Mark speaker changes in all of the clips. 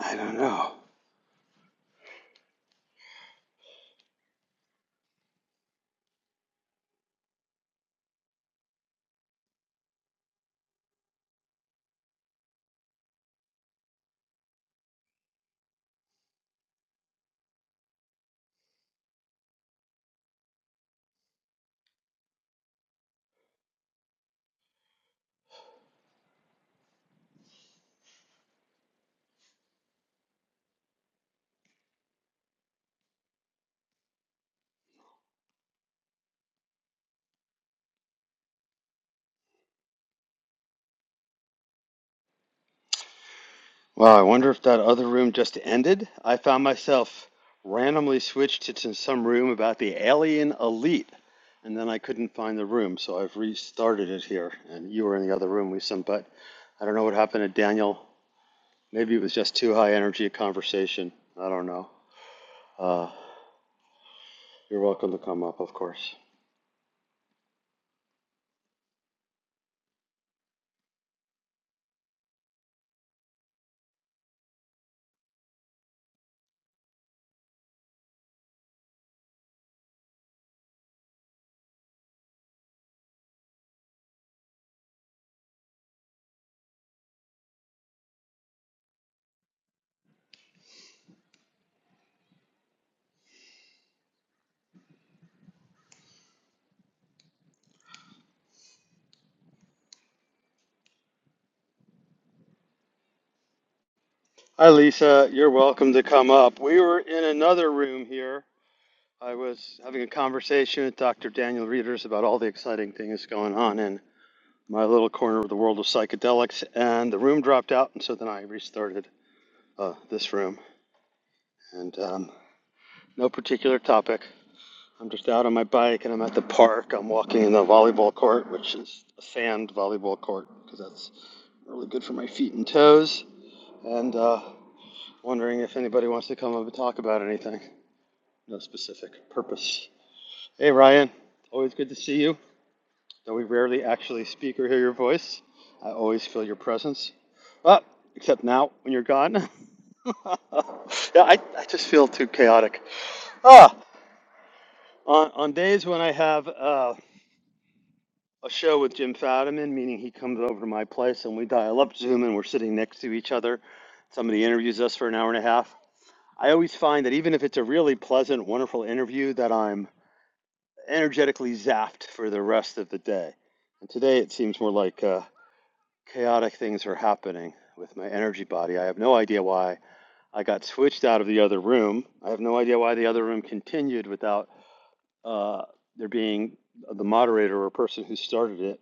Speaker 1: I don't know. Well, I wonder if that other room just ended. I found myself randomly switched to to some room about the alien elite, and then I couldn't find the room, so I've restarted it here. And you were in the other room, with some, but I don't know what happened to Daniel. Maybe it was just too high energy a conversation. I don't know. Uh, you're welcome to come up, of course. Hi, Lisa. You're welcome to come up. We were in another room here I was having a conversation with Dr. Daniel Reeders about all the exciting things going on in my little corner of the world of psychedelics, and the room dropped out, and so then I restarted uh, this room. And um, no particular topic. I'm just out on my bike, and I'm at the park. I'm walking in the volleyball court, which is a sand volleyball court, because that's really good for my feet and toes. And uh, wondering if anybody wants to come up and talk about anything. No specific purpose. Hey, Ryan. Always good to see you. Though we rarely actually speak or hear your voice, I always feel your presence. Well, except now when you're gone. yeah, I, I just feel too chaotic. Ah, on, on days when I have uh, a show with Jim Fadiman, meaning he comes over to my place and we dial up Zoom and we're sitting next to each other, somebody interviews us for an hour and a half. I always find that even if it's a really pleasant, wonderful interview, that I'm energetically zapped for the rest of the day. And today it seems more like uh, chaotic things are happening with my energy body. I have no idea why I got switched out of the other room. I have no idea why the other room continued without uh, there being the moderator or person who started it.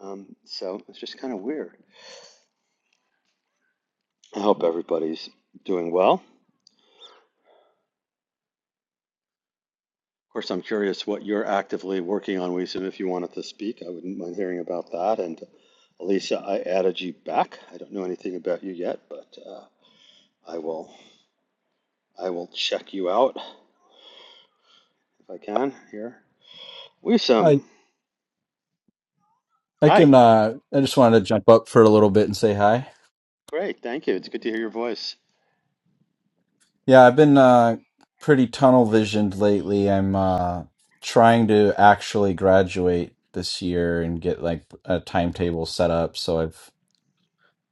Speaker 1: Um, so it's just kind of weird. I hope everybody's doing well. Of course, I'm curious what you're actively working on, Wisdom. If you wanted to speak, I wouldn't mind hearing about that. And Elisa, I added you back. I don't know anything about you yet, but uh, I will I will check you out if I can here Wisam.
Speaker 2: I I
Speaker 1: Hi.
Speaker 2: can uh I just wanted to jump up for a little bit and say hi.
Speaker 1: Great. Thank you. It's good to hear your voice.
Speaker 2: Yeah, I've been uh pretty tunnel visioned lately. I'm uh trying to actually graduate this year and get like a timetable set up, so I've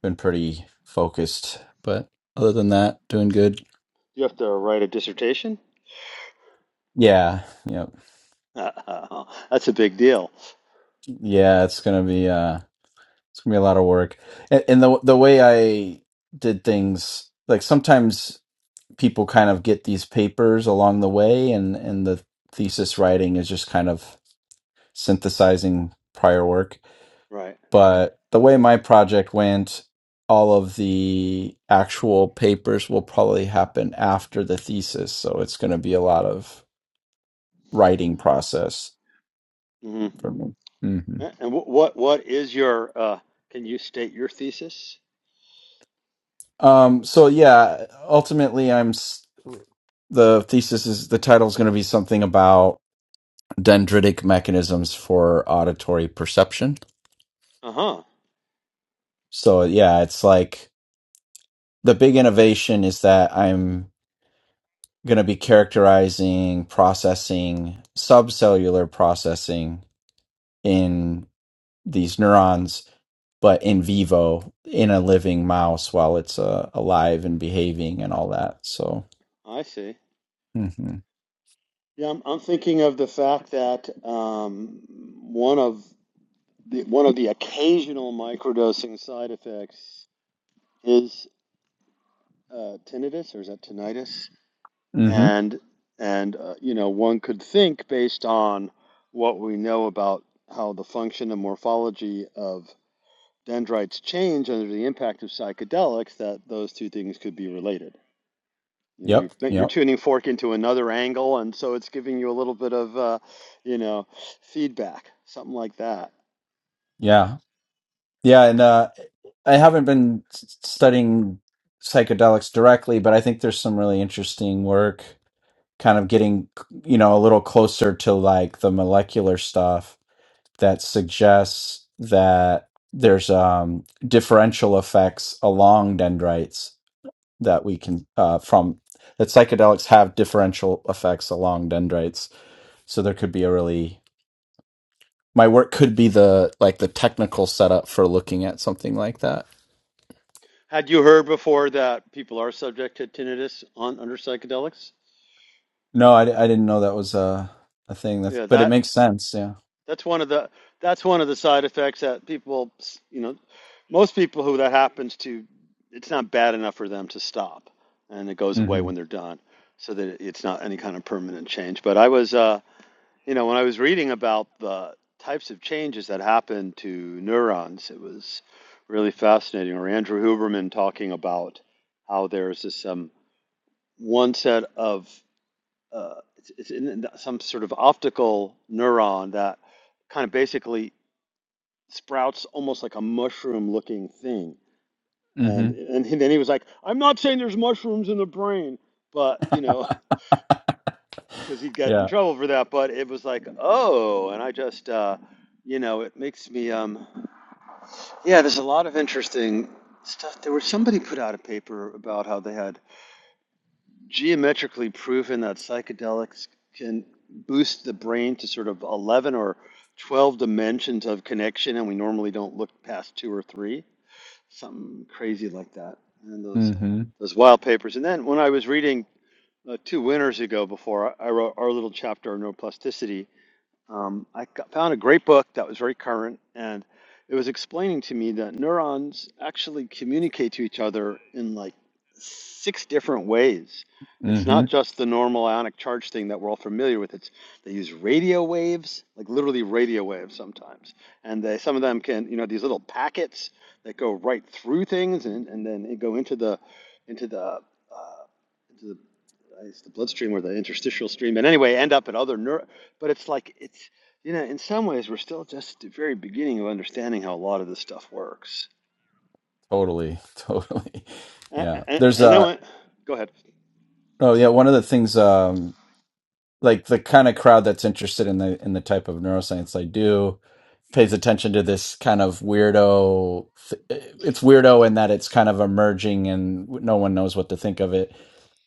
Speaker 2: been pretty focused. But other than that, doing good.
Speaker 1: You have to write a dissertation?
Speaker 2: Yeah, yeah.
Speaker 1: That's a big deal.
Speaker 2: Yeah, it's gonna be uh it's gonna be a lot of work. And, and the the way I did things, like sometimes people kind of get these papers along the way and and the thesis writing is just kind of synthesizing prior work
Speaker 1: Right.
Speaker 2: but the way my project went all of the actual papers will probably happen after the thesis so it's going to be a lot of writing process
Speaker 1: hmm
Speaker 2: for me hmm
Speaker 1: And what what what is your uh can you state your thesis?
Speaker 2: um so yeah ultimately i'm s- the thesis is the title is going to be something about dendritic mechanisms for auditory perception
Speaker 1: Uh-huh.
Speaker 2: So yeah, it's like the big innovation is that I'm going to be characterizing processing, subcellular processing in these neurons, but in vivo in a living mouse while it's uh, alive and behaving and all that. So,
Speaker 1: I see.
Speaker 2: hmm
Speaker 1: Yeah, I'm I'm thinking of the fact that um one of the one of the occasional microdosing side effects is uh tinnitus or is that tinnitus?
Speaker 2: hmm
Speaker 1: and and uh, you know one could think based on what we know about how the function and morphology of dendrites change under the impact of psychedelics that those two things could be related you know
Speaker 2: yep,
Speaker 1: you're, you're
Speaker 2: yep,
Speaker 1: tuning fork into another angle and so it's giving you a little bit of uh, you know feedback something like that
Speaker 2: yeah, yeah, and uh, I haven't been s- studying psychedelics directly, but I think there's some really interesting work kind of getting you know a little closer to like the molecular stuff that suggests that there's um differential effects along dendrites that we can uh from that psychedelics have differential effects along dendrites so there could be a really my work could be the like the technical setup for looking at something like that
Speaker 1: had you heard before that people are subject to tinnitus on under psychedelics
Speaker 2: No, I, I didn't know that was a a thing. That's
Speaker 1: yeah
Speaker 2: but it
Speaker 1: that
Speaker 2: makes sense. Yeah.
Speaker 1: That's one of the that's one of the side effects that people, you know, most people who that happens to, it's not bad enough for them to stop, and it goes away
Speaker 2: Mm-hmm.
Speaker 1: when they're done, so that it's not any kind of permanent change. But I was, uh, you know, when I was reading about the types of changes that happen to neurons, it was really fascinating. Or Andrew Huberman talking about how there's this um, one set of uh, it's, it's in some sort of optical neuron that kind of basically sprouts almost like a mushroom looking thing.
Speaker 2: Mm-hmm.
Speaker 1: And and he- then he was like, I'm not saying there's mushrooms in the brain, but you know, because he'd get in
Speaker 2: Yeah.
Speaker 1: trouble for that. But it was like, oh, and I just, uh, you know, it makes me, um, yeah. There's a lot of interesting stuff. There was somebody put out a paper about how they had geometrically proven that psychedelics can boost the brain to sort of 11 or 12 dimensions of connection, and we normally don't look past two or three something crazy like that. And those
Speaker 2: Mm-hmm.
Speaker 1: those wild papers. And then when I was reading uh, two winters ago, before I, I wrote our little chapter on neuroplasticity, um, I got, found a great book that was very current, and it was explaining to me that neurons actually communicate to each other in like six different ways. It's
Speaker 2: Mm-hmm.
Speaker 1: not just the normal ionic charge thing that we're all familiar with. It's they use radio waves, like literally radio waves sometimes, and they some of them can you know these little packets that go right through things and, and then go into the into the into the it's the bloodstream or the interstitial stream, and anyway, end up at other neuro. But it's like it's you know, in some ways, we're still just at the very beginning of understanding how a lot of this stuff works.
Speaker 2: Totally. Totally.
Speaker 1: And,
Speaker 2: Yeah.
Speaker 1: and
Speaker 2: There's
Speaker 1: and then,
Speaker 2: a
Speaker 1: when, go ahead.
Speaker 2: oh yeah. One of the things. Um. like the kind of crowd that's interested in the in the type of neuroscience I do pays attention to this kind of weirdo th- it's weirdo in that it's kind of emerging and no one knows what to think of it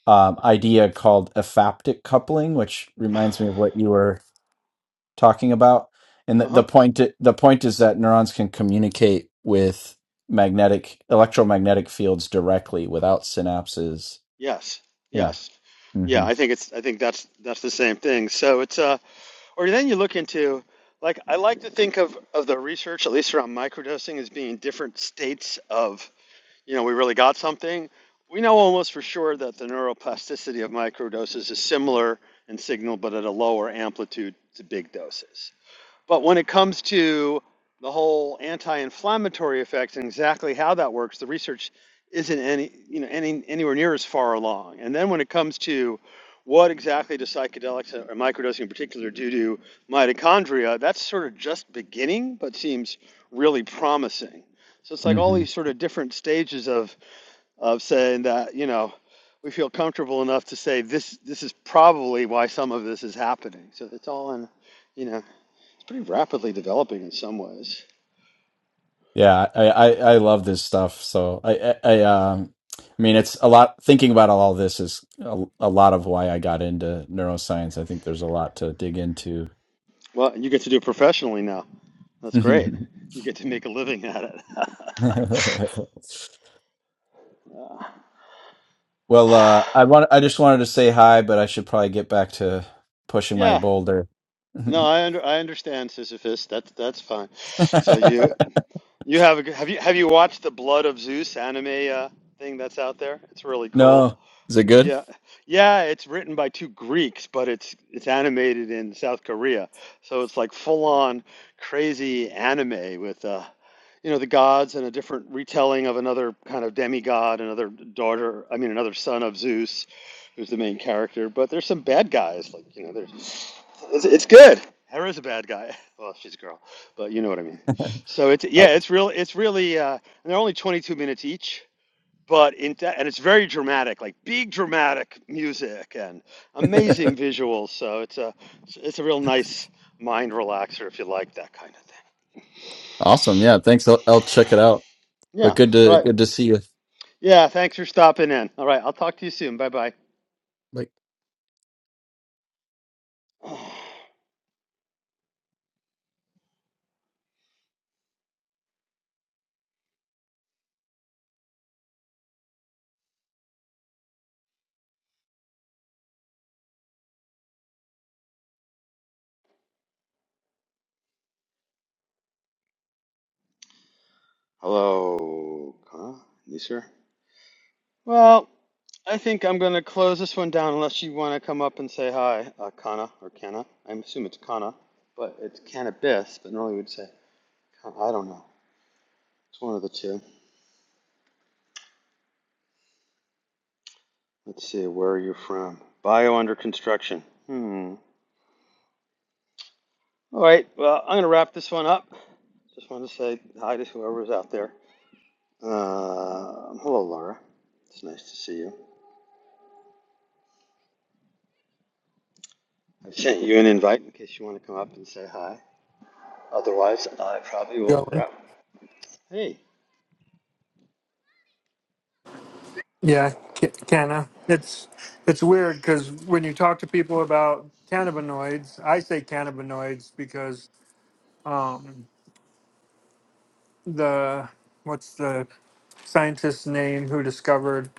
Speaker 2: um, idea called aphaptic coupling which reminds me of what you were talking about and the,
Speaker 1: Uh huh.
Speaker 2: the point the point is that neurons can communicate with magnetic electromagnetic fields directly without synapses
Speaker 1: Yes.
Speaker 2: yeah
Speaker 1: Yes. Yeah.
Speaker 2: hmm
Speaker 1: I think it's. I think that's that's the same thing. So it's. Uh. Or then you look into. Like I like to think of of the research, at least around microdosing, as being different states of you know, we really got something. We know almost for sure that the neuroplasticity of microdoses is similar in signal, but at a lower amplitude to big doses. But when it comes to the whole anti-inflammatory effects and exactly how that works, the research isn't any, you know, any anywhere near as far along. And then when it comes to what exactly do psychedelics or microdosing in particular do to mitochondria, that's sort of just beginning, but seems really promising. So it's like all these sort of different stages of of saying that, you know, we feel comfortable enough to say this this is probably why some of this is happening. So it's all in, you know, pretty rapidly developing in some ways.
Speaker 2: Yeah, I, I, I love this stuff. So I, I, I um, I mean, it's a lot. Thinking about all this is a, a lot of why I got into neuroscience. I think there's a lot to dig into.
Speaker 1: Well, and you get to do it professionally now. That's great. You get to make a living at it.
Speaker 2: well, uh, I want. I just wanted to say hi, but I should probably get back to pushing my
Speaker 1: yeah.
Speaker 2: boulder.
Speaker 1: No,
Speaker 2: no,
Speaker 1: I under, I understand Sisyphus. That's that's fine. So you you have a, g- have you have you watched the Blood of Zeus anime uh, thing that's out there? It's really cool.
Speaker 2: is it good?
Speaker 1: Yeah, yeah, it's written by two Greeks, but it's it's animated in South Korea. So it's like full on crazy anime with uh you know the gods and a different retelling of another kind of demigod, another daughter, I mean another son of Zeus, who's the main character, but there's some bad guys like, you know, there's it's, it's good. Hera's a bad guy. Well, she's a girl, but you know what I mean. So it's yeah,
Speaker 2: Oh.
Speaker 1: it's real it's really uh and they're only 22 minutes each but in that, and it's very dramatic, like big dramatic music and amazing visuals. So it's a it's a real nice mind relaxer if you like that kind of thing.
Speaker 2: awesome. Yeah, thanks. I'll, I'll check it out.
Speaker 1: Yeah.
Speaker 2: But good
Speaker 1: All
Speaker 2: to
Speaker 1: right.
Speaker 2: good to see you.
Speaker 1: Yeah. Thanks for stopping in. All right. I'll talk to you soon. Bye bye.
Speaker 2: Bye.
Speaker 1: Hello. Huh? You sir? Well, I think I'm gonna close this one down unless you want to come up and say hi, uh, Kana or Kana. I assume it's Kana, but it's cannabis. But normally we'd say I don't know. It's one of the two. Let's see, where are you from? Bio under construction. Hmm. All right, well, I'm going to wrap this one up. Just want to say hi to whoever's out there. Uh, hello, Laura. It's nice to see you. I sent you an invite in case you want to come up and say hi. Otherwise, I probably will
Speaker 3: going.
Speaker 1: wrap. Hey.
Speaker 3: Yeah, ca- canna. It's it's weird because when you talk to people about cannabinoids, I say cannabinoids because um, the what's the scientist's name who discovered,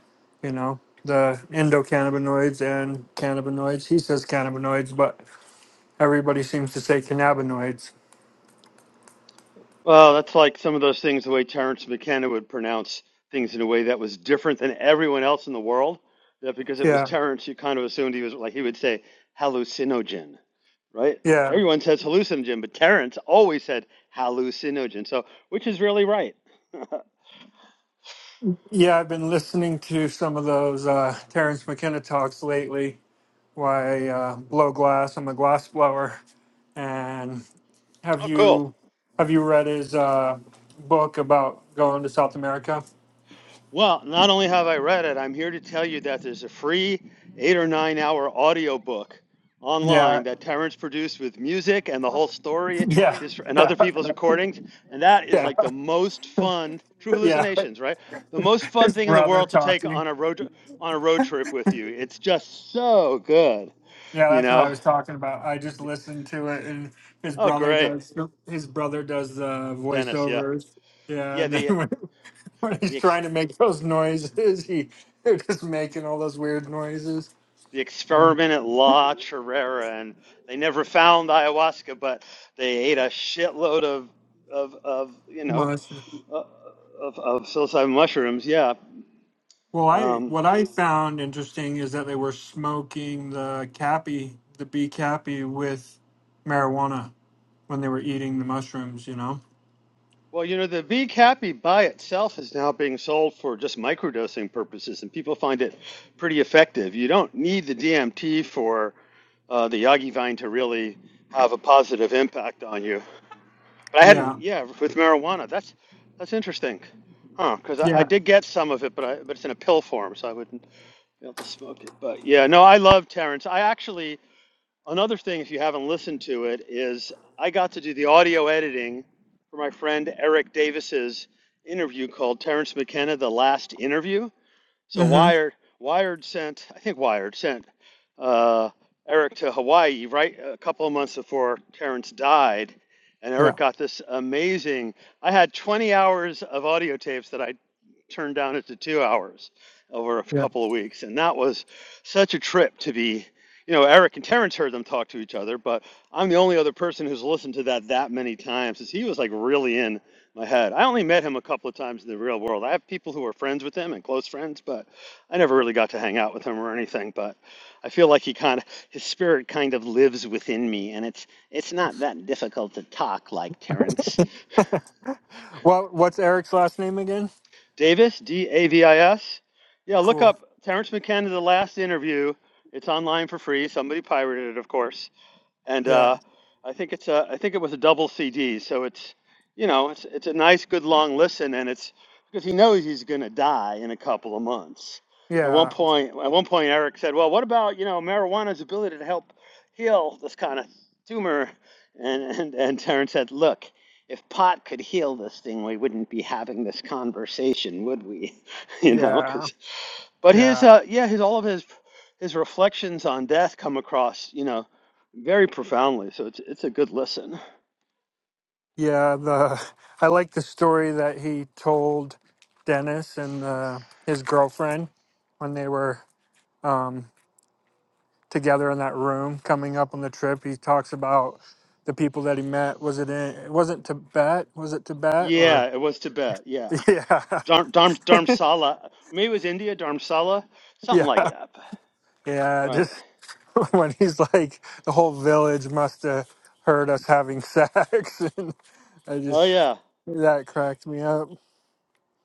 Speaker 3: you know, the endocannabinoids and cannabinoids. He says cannabinoids, but everybody seems to say cannabinoids.
Speaker 1: Well, that's like some of those things the way Terrence McKenna would pronounce things in a way that was different than everyone else in the world. That because it was
Speaker 3: Yeah,
Speaker 1: Terrence, you kind of assumed he was like he would say hallucinogen right?
Speaker 3: yeah,
Speaker 1: Everyone says hallucinogen, but Terence always said hallucinogen. So, which is really right.
Speaker 3: yeah. I've been listening to some of those uh, Terrence McKenna talks lately. Why uh, blow glass? I'm a glass blower And have
Speaker 1: Oh, cool.
Speaker 3: you have you read his uh, book about going to South America?
Speaker 1: Well, not only have I read it, I'm here to tell you that there's a free eight or nine hour audio book
Speaker 3: Yeah,
Speaker 1: online that Terence produced with music and the whole story
Speaker 3: yeah,
Speaker 1: his, and
Speaker 3: yeah,
Speaker 1: other people's recordings. And that is
Speaker 3: yeah,
Speaker 1: like the most fun, true
Speaker 3: yeah.
Speaker 1: hallucinations, right? The most fun
Speaker 3: His
Speaker 1: thing in the
Speaker 3: brother
Speaker 1: world to take
Speaker 3: talking.
Speaker 1: on a road on a road trip with you. It's just so good,
Speaker 3: Yeah,
Speaker 1: you
Speaker 3: that's what I
Speaker 1: know?
Speaker 3: was talking about. I just listened to it, and his
Speaker 1: Oh,
Speaker 3: brother
Speaker 1: great.
Speaker 3: does his brother does the
Speaker 1: Dennis, yeah.
Speaker 3: voiceovers. Yeah,
Speaker 1: Yeah,
Speaker 3: and then
Speaker 1: the
Speaker 3: when, when he's
Speaker 1: the ex,
Speaker 3: trying to make those noises, he they're just making all those weird noises.
Speaker 1: the experiment at La Chorrera, and they never found ayahuasca, but they ate a shitload of of of you know
Speaker 3: Must.
Speaker 1: uh, of of psilocybin mushrooms. Yeah.
Speaker 3: Well, I
Speaker 1: Um,
Speaker 3: what I found interesting is that they were smoking the cappy, the bee cappy, with marijuana when they were eating the mushrooms. You know?
Speaker 1: well, you know, the Be Happy by itself is now being sold for just microdosing purposes, and people find it pretty effective. You don't need the DMT for uh, the Yagi vine to really have a positive impact on you. But I
Speaker 3: Yeah.
Speaker 1: hadn't, yeah, with marijuana. That's that's interesting, huh? Because I, I
Speaker 3: Yeah.
Speaker 1: did get some of it, but I but it's in a pill form, so I wouldn't be able to smoke it. But yeah, no, I love Terrence. I actually another thing, if you haven't listened to it, is I got to do the audio editing for my friend Eric Davis's interview called Terrence McKenna: The Last Interview so
Speaker 3: Mm-hmm.
Speaker 1: Wired, Wired sent, I think Wired sent uh, Eric to Hawaii right a couple of months before Terrence died, and
Speaker 3: Yeah.
Speaker 1: Eric got this amazing. I had 20 hours of audio tapes that I turned down it to two hours over a
Speaker 3: Yeah.
Speaker 1: couple of weeks. And that was such a trip to be, you know, Eric and Terrence heard them talk to each other, but I'm the only other person who's listened to that that many times because he was like really in my head. I only met him a couple of times in the real world. I have people who are friends with him and close friends, but I never really got to hang out with him or anything. But I feel like he kind of, his spirit kind of lives within me. And it's, it's not that difficult to talk like Terrence.
Speaker 3: well, what's Eric's last name again?
Speaker 1: Davis, D A V I S. Yeah, look
Speaker 3: Cool.
Speaker 1: up Terrence McKenna, The Last Interview. It's online for free. Somebody pirated it, of course and
Speaker 3: Yeah.
Speaker 1: uh, I think it's a, I think it was a double CD. So it's you know it's it's a nice good long listen, and it's because he knows he's going to die in a couple of months. At one
Speaker 3: Yeah.
Speaker 1: point, at one point, Eric said, "Well, what about you know marijuana's ability to help heal this kind of tumor?" And and and Terrence said, "Look." If pot could heal this thing, we wouldn't be having this conversation, would we? You know,
Speaker 3: Yeah.
Speaker 1: 'cause but his
Speaker 3: Yeah.
Speaker 1: uh yeah, his all of his his reflections on death come across, you know, very profoundly. So it's it's a good listen.
Speaker 3: Yeah. The I like the story that he told Dennis and uh his girlfriend when they were. um, together in that room coming up on the trip. He talks about the people that he met. Was it in? It wasn't Tibet. Was it Tibet
Speaker 1: Yeah,
Speaker 3: or?
Speaker 1: it was Tibet. Yeah. Dharm, Dharm, Dharamsala. Maybe it was India, Dharamsala, something
Speaker 3: Yeah,
Speaker 1: like
Speaker 3: yeah,
Speaker 1: that.
Speaker 3: yeah.
Speaker 1: Right.
Speaker 3: Just when he's like, the whole village must have heard us having sex, and I
Speaker 1: Oh
Speaker 3: just
Speaker 1: yeah.
Speaker 3: that cracked me up.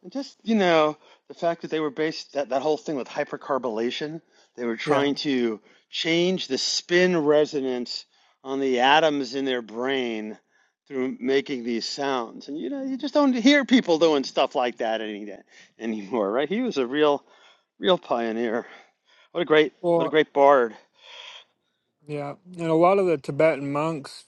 Speaker 1: And just, you know, the fact that they were based that that whole thing with hypercarbylation, they were
Speaker 3: Yeah.
Speaker 1: trying to change the spin resonance on the atoms in their brain through making these sounds. And you know, you just don't hear people doing stuff like that any day anymore, right? He was a real real pioneer. What a great what a
Speaker 3: Well.
Speaker 1: great bard.
Speaker 3: Yeah, and a lot of the Tibetan monks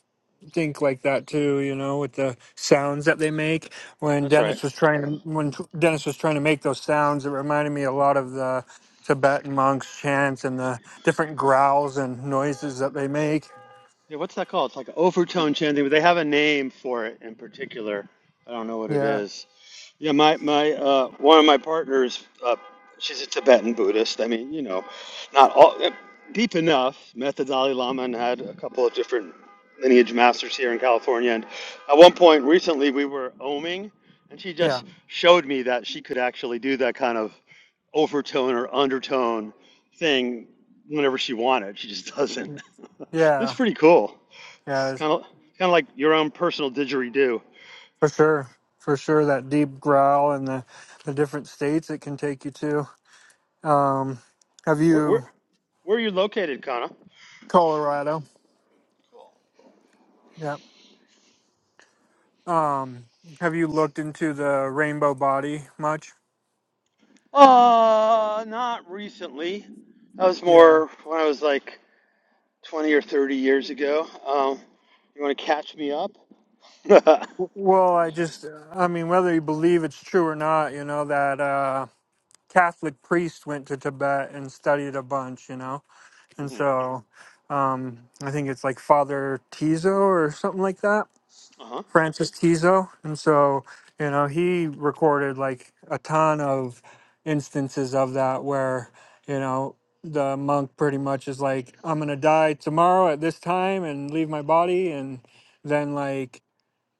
Speaker 3: think like that too. You know, with the sounds that they make. When
Speaker 1: That's right.
Speaker 3: Dennis was trying to when t- Dennis was trying to make those sounds, it reminded me a lot of the Tibetan monks' chants and the different growls and noises that they make.
Speaker 1: Yeah, what's that called? It's like overtone chanting, but they have a name for it in particular. I don't know what it
Speaker 3: Yeah,
Speaker 1: is. Yeah, my my uh, one of my partners, uh, she's a Tibetan Buddhist. I mean, you know, not all uh, deep enough. Met the Dalai Lama and had a couple of different lineage masters here in California. And at one point recently, we were oming, and she
Speaker 3: yeah,
Speaker 1: just showed me that she could actually do that kind of overtone or undertone thing whenever she wanted. She just doesn't. it's
Speaker 3: yeah,
Speaker 1: pretty cool. It's
Speaker 3: yeah,
Speaker 1: kind of kind of like your own personal didgeridoo.
Speaker 3: for sure, for sure. That deep growl and the the different states it can take you to. Um, have
Speaker 1: Where where
Speaker 3: you
Speaker 1: where are you located, Kana?
Speaker 3: Colorado? Yeah. Um, have you looked into the rainbow body much?
Speaker 1: Uh, not recently. That was
Speaker 3: Yeah.
Speaker 1: more when I was like 20 or 30 years ago. Um, you want to catch me up?
Speaker 3: W- Well, I just, I mean, whether you believe it's true or not, you know, that uh, Catholic priest went to Tibet and studied a bunch, you know? And so um, I think it's like Father Tizo or something like that.
Speaker 1: Uh-huh.
Speaker 3: Francis Tizo. And so, you know, he recorded like a ton of instances of that where, you know, the monk pretty much is like, I'm going to die tomorrow at this time and leave my body. And then, like,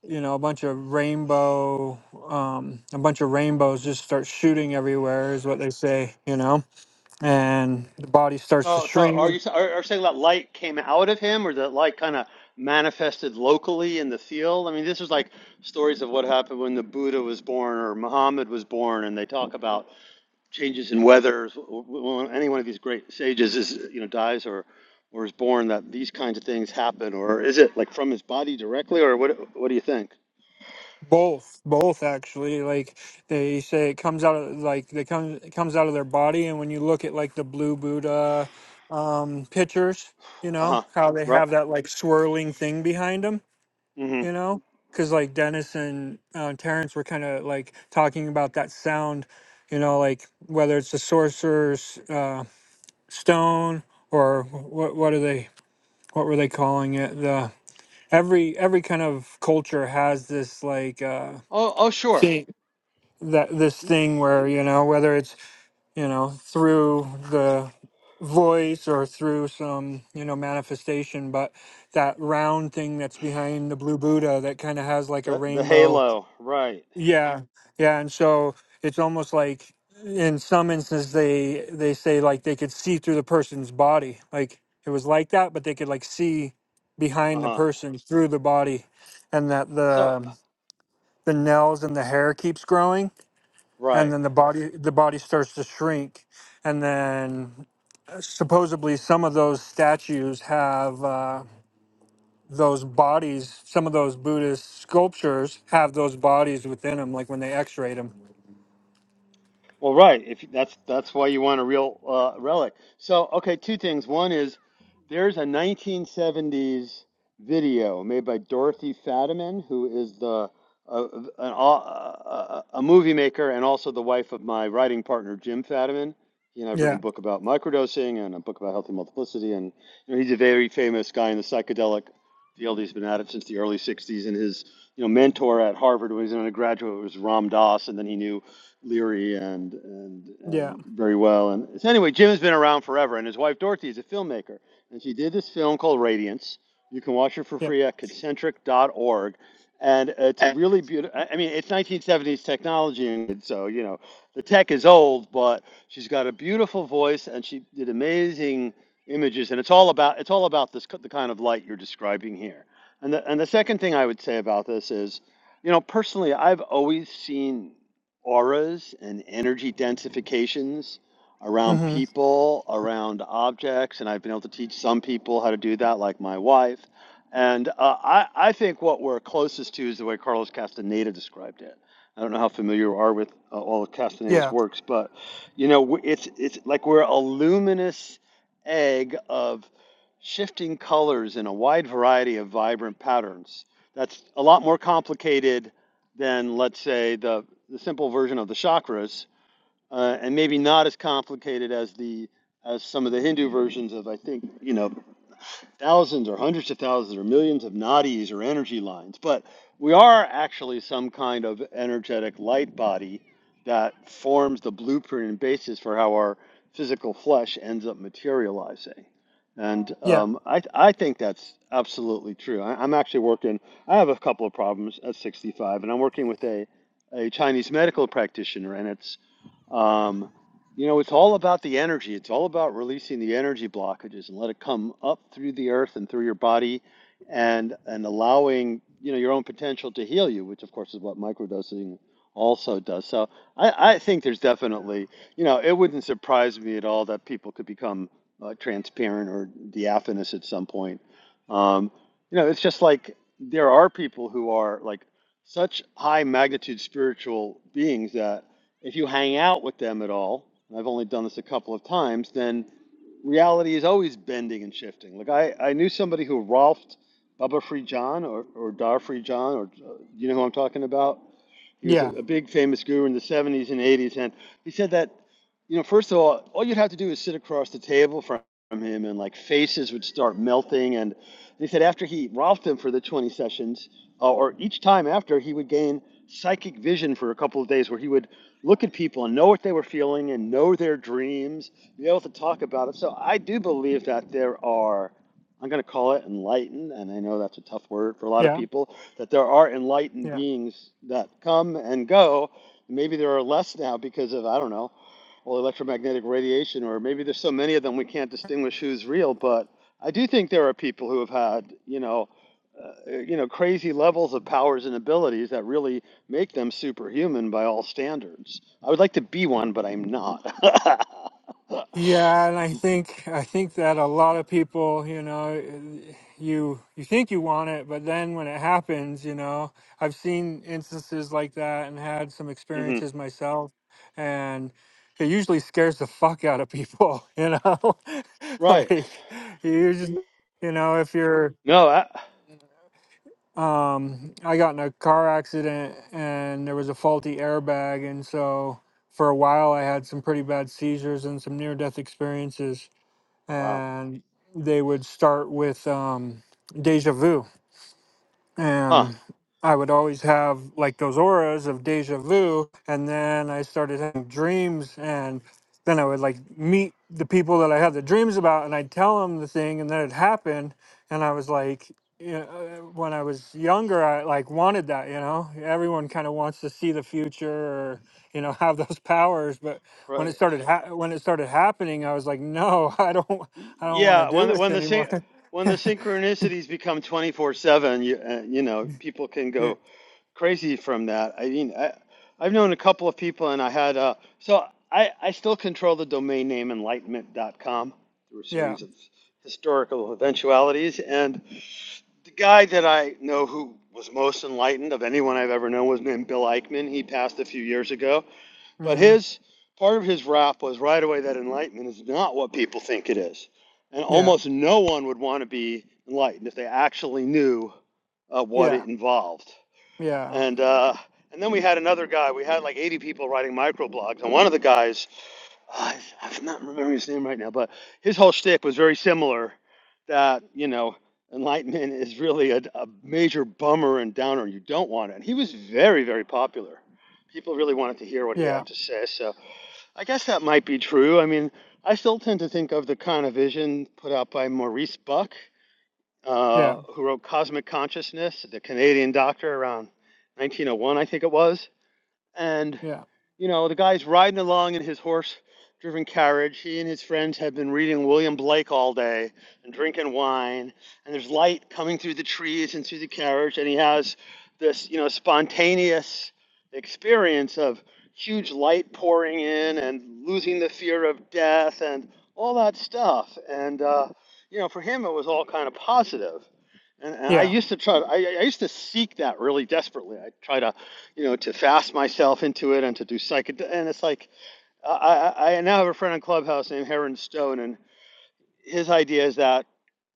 Speaker 3: you know, a bunch of rainbow, um, a bunch of rainbows just start shooting everywhere, is what they say, you know, and the body starts to
Speaker 1: So, so
Speaker 3: shrink
Speaker 1: are you are, are you saying that light came out of him, or that light kind of manifested locally in the field? I mean, this is like stories of what happened when the Buddha was born or Muhammad was born, and they talk about changes in weather, when any one of these great sages is, you know, dies or or is born, that these kinds of things happen, or is it like from his body directly, or what? What do you think?
Speaker 3: Both, both actually. Like they say, it comes out of like they come it comes out of their body, and when you look at like the blue Buddha um, pictures, you
Speaker 1: Uh huh.
Speaker 3: know how they
Speaker 1: Right.
Speaker 3: have that like swirling thing behind them,
Speaker 1: hmm
Speaker 3: you know, because like Dennis and uh, Terrence were kind of like talking about that sound, you know, like whether it's the sorcerer's uh, stone or what what are they what were they calling it the every every kind of culture has this like uh
Speaker 1: Oh, oh, sure.
Speaker 3: thing that this thing where you know whether it's you know through the voice or through some you know manifestation but that round thing that's behind the blue buddha that kind of has like a
Speaker 1: The the
Speaker 3: rainbow
Speaker 1: halo. Right.
Speaker 3: yeah yeah and so it's almost like in some instances they they say like they could see through the person's body like it was like that but they could like see
Speaker 1: Uh
Speaker 3: behind the
Speaker 1: huh.
Speaker 3: person through the body and that
Speaker 1: So
Speaker 3: the the nails and the hair keeps growing and
Speaker 1: right.
Speaker 3: then the body the body starts to shrink and then uh, supposedly some of those statues have uh, those bodies some of those buddhist sculptures have those bodies within them like when they x-rayed them
Speaker 1: Well, right. If you- that's that's why you want a real uh, relic. So, okay, two things. One is there's a 1970s video made by Dorothy Fadiman, who is the uh, an, uh, a a movie maker and also the wife of my writing partner Jim Fadiman. He and I've written a
Speaker 3: yeah
Speaker 1: book about microdosing and a book about healthy multiplicity, and you know, he's a very famous guy in the psychedelic field. He's been at it since the early 60s, and his you know mentor at Harvard when he was an undergraduate was Ram Dass, and then he knew Leary and and
Speaker 3: yeah
Speaker 1: and very well. And so anyway, Jim has been around forever, and his wife Dorothy is a filmmaker, and she did this film called Radiance. You can watch it for
Speaker 3: yeah
Speaker 1: free at concentric dot org and it's really beautiful. I mean, it's 1970s technology, and so you know the tech is old, but she's got a beautiful voice, and she did amazing images, and it's all about it's all about this the kind of light you're describing here. And the and the second thing I would say about this is, you know, personally, I've always seen auras and energy densifications around
Speaker 3: hmm
Speaker 1: people, around objects, and I've been able to teach some people how to do that, like my wife. And uh, I, I think what we're closest to is the way Carlos Castaneda described it. I don't know how familiar you are with uh, all of Castaneda's
Speaker 3: yeah
Speaker 1: works, but you know, w- it's it's like we're a luminous egg of shifting colors in a wide variety of vibrant patterns. That's a lot more complicated than, let's say, the, the simple version of the chakras, uh, and maybe not as complicated as the as some of the Hindu versions of, I think, you know, thousands or hundreds of thousands or millions of nadis or energy lines, but we are actually some kind of energetic light body that forms the blueprint and basis for how our physical flesh ends up materializing. And
Speaker 3: yeah
Speaker 1: um, I, I think that's absolutely true. I, I'm actually working, I have a couple of problems at 65, and I'm working with a, a Chinese medical practitioner, and it's um, you know, it's all about the energy. It's all about releasing the energy blockages and let it come up through the earth and through your body, and and allowing you know your own potential to heal you, which of course is what microdosing also does. So I, I think there's definitely you know it wouldn't surprise me at all that people could become uh, transparent or diaphanous at some point. Um, you know, it's just like there are people who are like such high magnitude spiritual beings that if you hang out with them at all, and I've only done this a couple of times, then reality is always bending and shifting. Like I, I knew somebody who Rolfed Baba Free John or, or Dar Free John, or uh, you know who I'm talking about? He was a,
Speaker 3: yeah
Speaker 1: a big famous guru in the 70s and 80s, and he said that you know, first of all, all you'd have to do is sit across the table from him, and like faces would start melting. And they said after he rolfed him for the 20 sessions, uh, or each time after, he would gain psychic vision for a couple of days where he would look at people and know what they were feeling and know their dreams, be able to talk about it. So I do believe that there are, I'm going to call it enlightened, and I know that's a tough word for a lot of
Speaker 3: yeah
Speaker 1: people, that there are enlightened
Speaker 3: yeah.
Speaker 1: beings that come and go. Maybe there are less now because of, I don't know well, electromagnetic radiation, or maybe there's so many of them we can't distinguish who's real. But I do think there are people who have had, you know, uh, you know, crazy levels of powers and abilities that really make them superhuman by all standards. I would like to be one, but I'm not.
Speaker 3: Yeah, and I think I think that a lot of people, you know, you you think you want it, but then when it happens, you know, I've seen instances like that and had some
Speaker 1: hmm
Speaker 3: experiences myself, and it usually scares the fuck out of people, you know.
Speaker 1: Right.
Speaker 3: Like you just, you know, if you're
Speaker 1: No. I,
Speaker 3: um I got in a car accident and there was a faulty airbag and so for a while I had some pretty bad seizures and some near death experiences
Speaker 1: wow.
Speaker 3: and they would start with um, Deja Vu
Speaker 1: Huh.
Speaker 3: and I would always have like those auras of deja vu. And then I started having dreams, and then I would like meet the people that I had the dreams about, and I'd tell them the thing, and then it happened. And I was like, you know, uh, when I was younger, I like wanted that, you know. Everyone kind of wants to see the future or you know have those powers, but when
Speaker 1: Right.
Speaker 3: it started ha- when it started happening, I was like, no, I don't,
Speaker 1: Y-
Speaker 3: I don't want to
Speaker 1: Yeah. When
Speaker 3: do this
Speaker 1: when the
Speaker 3: anymore.
Speaker 1: syn- when the synchronicities become 24 seven, you uh, you know, people can
Speaker 3: yeah,
Speaker 1: go crazy from that. I mean, I, I've known a couple of people, and I had uh, so I, I still control the domain name enlightenment.com through a
Speaker 3: yeah,
Speaker 1: series of historical eventualities. And the guy that I know who was most enlightened of anyone I've ever known was named Bill Eichmann. He passed a few years ago, but
Speaker 3: hmm
Speaker 1: his part of his rap was right away that enlightenment is not what people think it is, and
Speaker 3: yeah.
Speaker 1: almost no one would want to be enlightened if they actually knew uh, what
Speaker 3: Yeah,
Speaker 1: it involved
Speaker 3: yeah,
Speaker 1: and uh, and then we had another guy. We had like 80 people writing microblogs, and one of the guys, uh, I'm not remembering his name right now, but his whole shtick was very similar. That you know, enlightenment is really a, a major bummer and downer. You don't want it. And he was very, very popular. People really wanted to hear what he
Speaker 3: yeah,
Speaker 1: had to say. So I guess that might be true. I mean, I still tend to think of the kind of vision put out by Maurice Buck
Speaker 3: yeah,
Speaker 1: uh, who wrote Cosmic Consciousness, the Canadian doctor around 1901, I think it was. And,
Speaker 3: yeah,
Speaker 1: you know, the guy's riding along in his horse driven carriage. He and his friends have been reading William Blake all day and drinking wine. And there's light coming through the trees and through the carriage. And he has this, you know, spontaneous experience of huge light pouring in and losing the fear of death and all that stuff. And, uh, you know, for him, it was all kind of positive and, and I
Speaker 3: yeah,
Speaker 1: used to try. I, I used to seek that really desperately. I try to, you know, to fast myself into it and to do psychedelic. And it's like I, I, I now have a friend on Clubhouse named Heron Stone, and his idea is that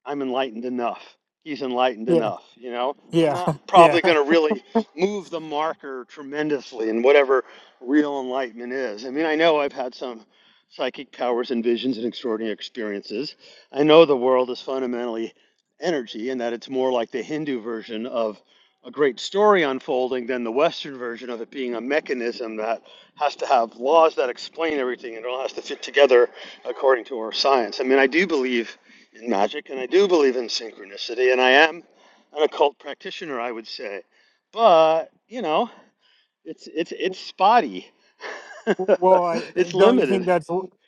Speaker 1: I'm enlightened enough. He's enlightened
Speaker 3: yeah,
Speaker 1: enough, you know. I'm
Speaker 3: yeah,
Speaker 1: not
Speaker 3: yeah.
Speaker 1: probably going to really move the marker tremendously in whatever real enlightenment is. I mean, I know I've had some psychic powers and visions and extraordinary experiences. I know the world is fundamentally energy and that it's more like the Hindu version of a great story unfolding than the Western version of it being a mechanism that has to have laws that explain everything and it all has to fit together according to our science. I mean, I do believe in magic, and I do believe in synchronicity, and I am an occult practitioner, I would say. But you know, it's it's it's spotty.
Speaker 3: Well, I
Speaker 1: it's
Speaker 3: don't you
Speaker 1: limited.
Speaker 3: think that's well,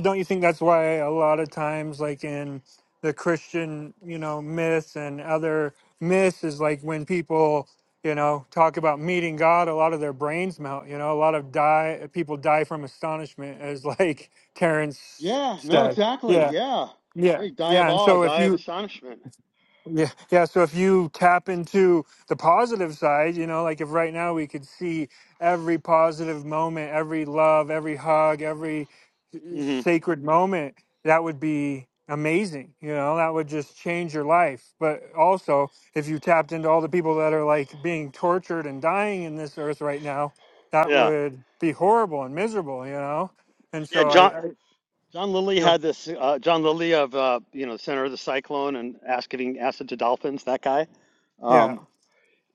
Speaker 3: don't you think that's why a lot of times, like in the Christian, you know, myths and other myths, is like when people, you know, talk about meeting God, a lot of their brains melt. You know, a lot of die people die from astonishment, as like Terrence
Speaker 1: Yeah. No.
Speaker 3: said.
Speaker 1: Exactly.
Speaker 3: Yeah,
Speaker 1: Yeah. Yeah.
Speaker 3: yeah,
Speaker 1: You die of
Speaker 3: yeah. And
Speaker 1: awe.
Speaker 3: so if
Speaker 1: Die of
Speaker 3: you
Speaker 1: astonishment.
Speaker 3: Yeah, yeah. So if you tap into the positive side, you know, like if right now we could see every positive moment, every love, every hug, every uh,
Speaker 1: mm
Speaker 3: sacred moment, that would be amazing. You know, that would just change your life. But also, if you tapped into all the people that are like being tortured and dying in this earth right now,
Speaker 1: hmm
Speaker 3: that
Speaker 1: Yeah.
Speaker 3: would be horrible and miserable. You know, and
Speaker 1: Yeah.
Speaker 3: so I,
Speaker 1: John.
Speaker 3: I you
Speaker 1: John Lilly
Speaker 3: know,
Speaker 1: had this. Uh, John Lilly of uh, you know Center of the Cyclone and asking acid to dolphins. That guy.
Speaker 3: yeah,
Speaker 1: Um,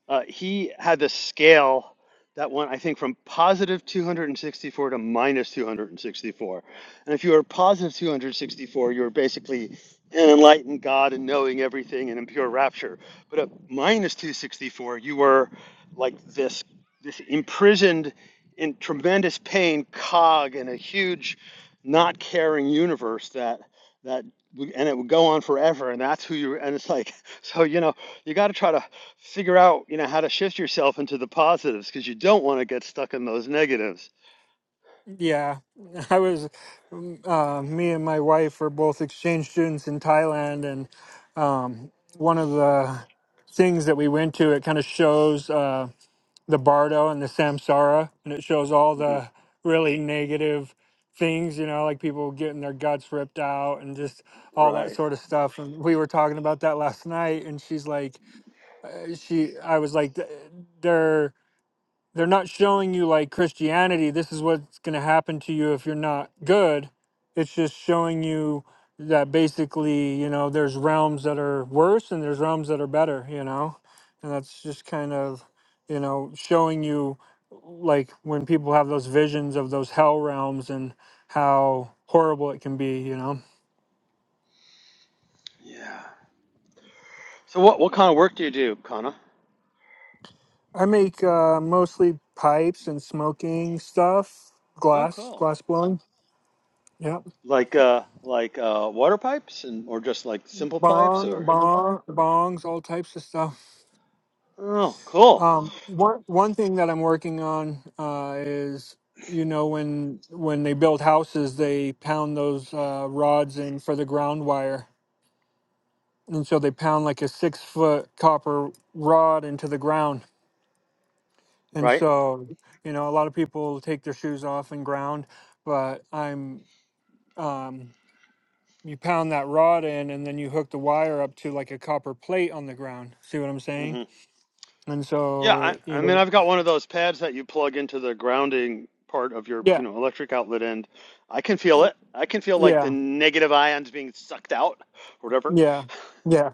Speaker 1: Uh, he had the scale that went, I think, from positive 264 to minus 264. And if you were positive 264, you were basically an enlightened God and knowing everything and in pure rapture. But at minus 264, you were like this, this imprisoned in tremendous pain cog in a huge, not caring universe that that and it would go on forever and that's who you and it's like so you know you got to try to figure out you know how to shift yourself into the positives because you don't want to get stuck in those negatives
Speaker 3: Yeah, I was. um, Uh, me and my wife were both exchange students in Thailand, and um, one of the things that we went to, it kind of shows uh, the Bardo and the Samsara, and it shows all
Speaker 1: Mhm.
Speaker 3: the really negative things, you know, like people getting their guts ripped out and just all that
Speaker 1: right
Speaker 3: sort of stuff. And we were talking about that last night, and she's like, uh, she, I was like, "Th- they're they're not showing you like Christianity, this is what's going to happen to you if you're not good. It's just showing you that basically, you know, there's realms that are worse and there's realms that are better, you know? And that's just kind of, you know, showing you like when people have those visions of those hell realms and how horrible it can be, you know?
Speaker 1: yeah so what what kind of work do you do Kana?
Speaker 3: I make uh, mostly pipes and smoking stuff,
Speaker 1: oh
Speaker 3: glass,
Speaker 1: cool
Speaker 3: glass blowing. Yeah.
Speaker 1: like uh like uh water pipes and or just like simple pipes
Speaker 3: bong,
Speaker 1: or
Speaker 3: bong, bongs, all types of stuff.
Speaker 1: oh cool
Speaker 3: Um, one one thing that I'm working on uh, is you know when when they build houses, they pound those uh, rods in for the ground wire, and so they pound like a six foot copper rod into the ground, and
Speaker 1: right
Speaker 3: so you know a lot of people take their shoes off and ground, but I'm um, you pound that rod in and then you hook the wire up to like a copper plate on the ground. See what I'm saying?
Speaker 1: hmm
Speaker 3: And
Speaker 1: yeah I,
Speaker 3: so, you
Speaker 1: I
Speaker 3: know,
Speaker 1: mean i've got one of those pads that you plug into the grounding part of your you
Speaker 3: Yeah,
Speaker 1: know electric outlet end i can feel it i can feel like the
Speaker 3: yeah,
Speaker 1: negative ions being sucked out whatever
Speaker 3: yeah, yeah,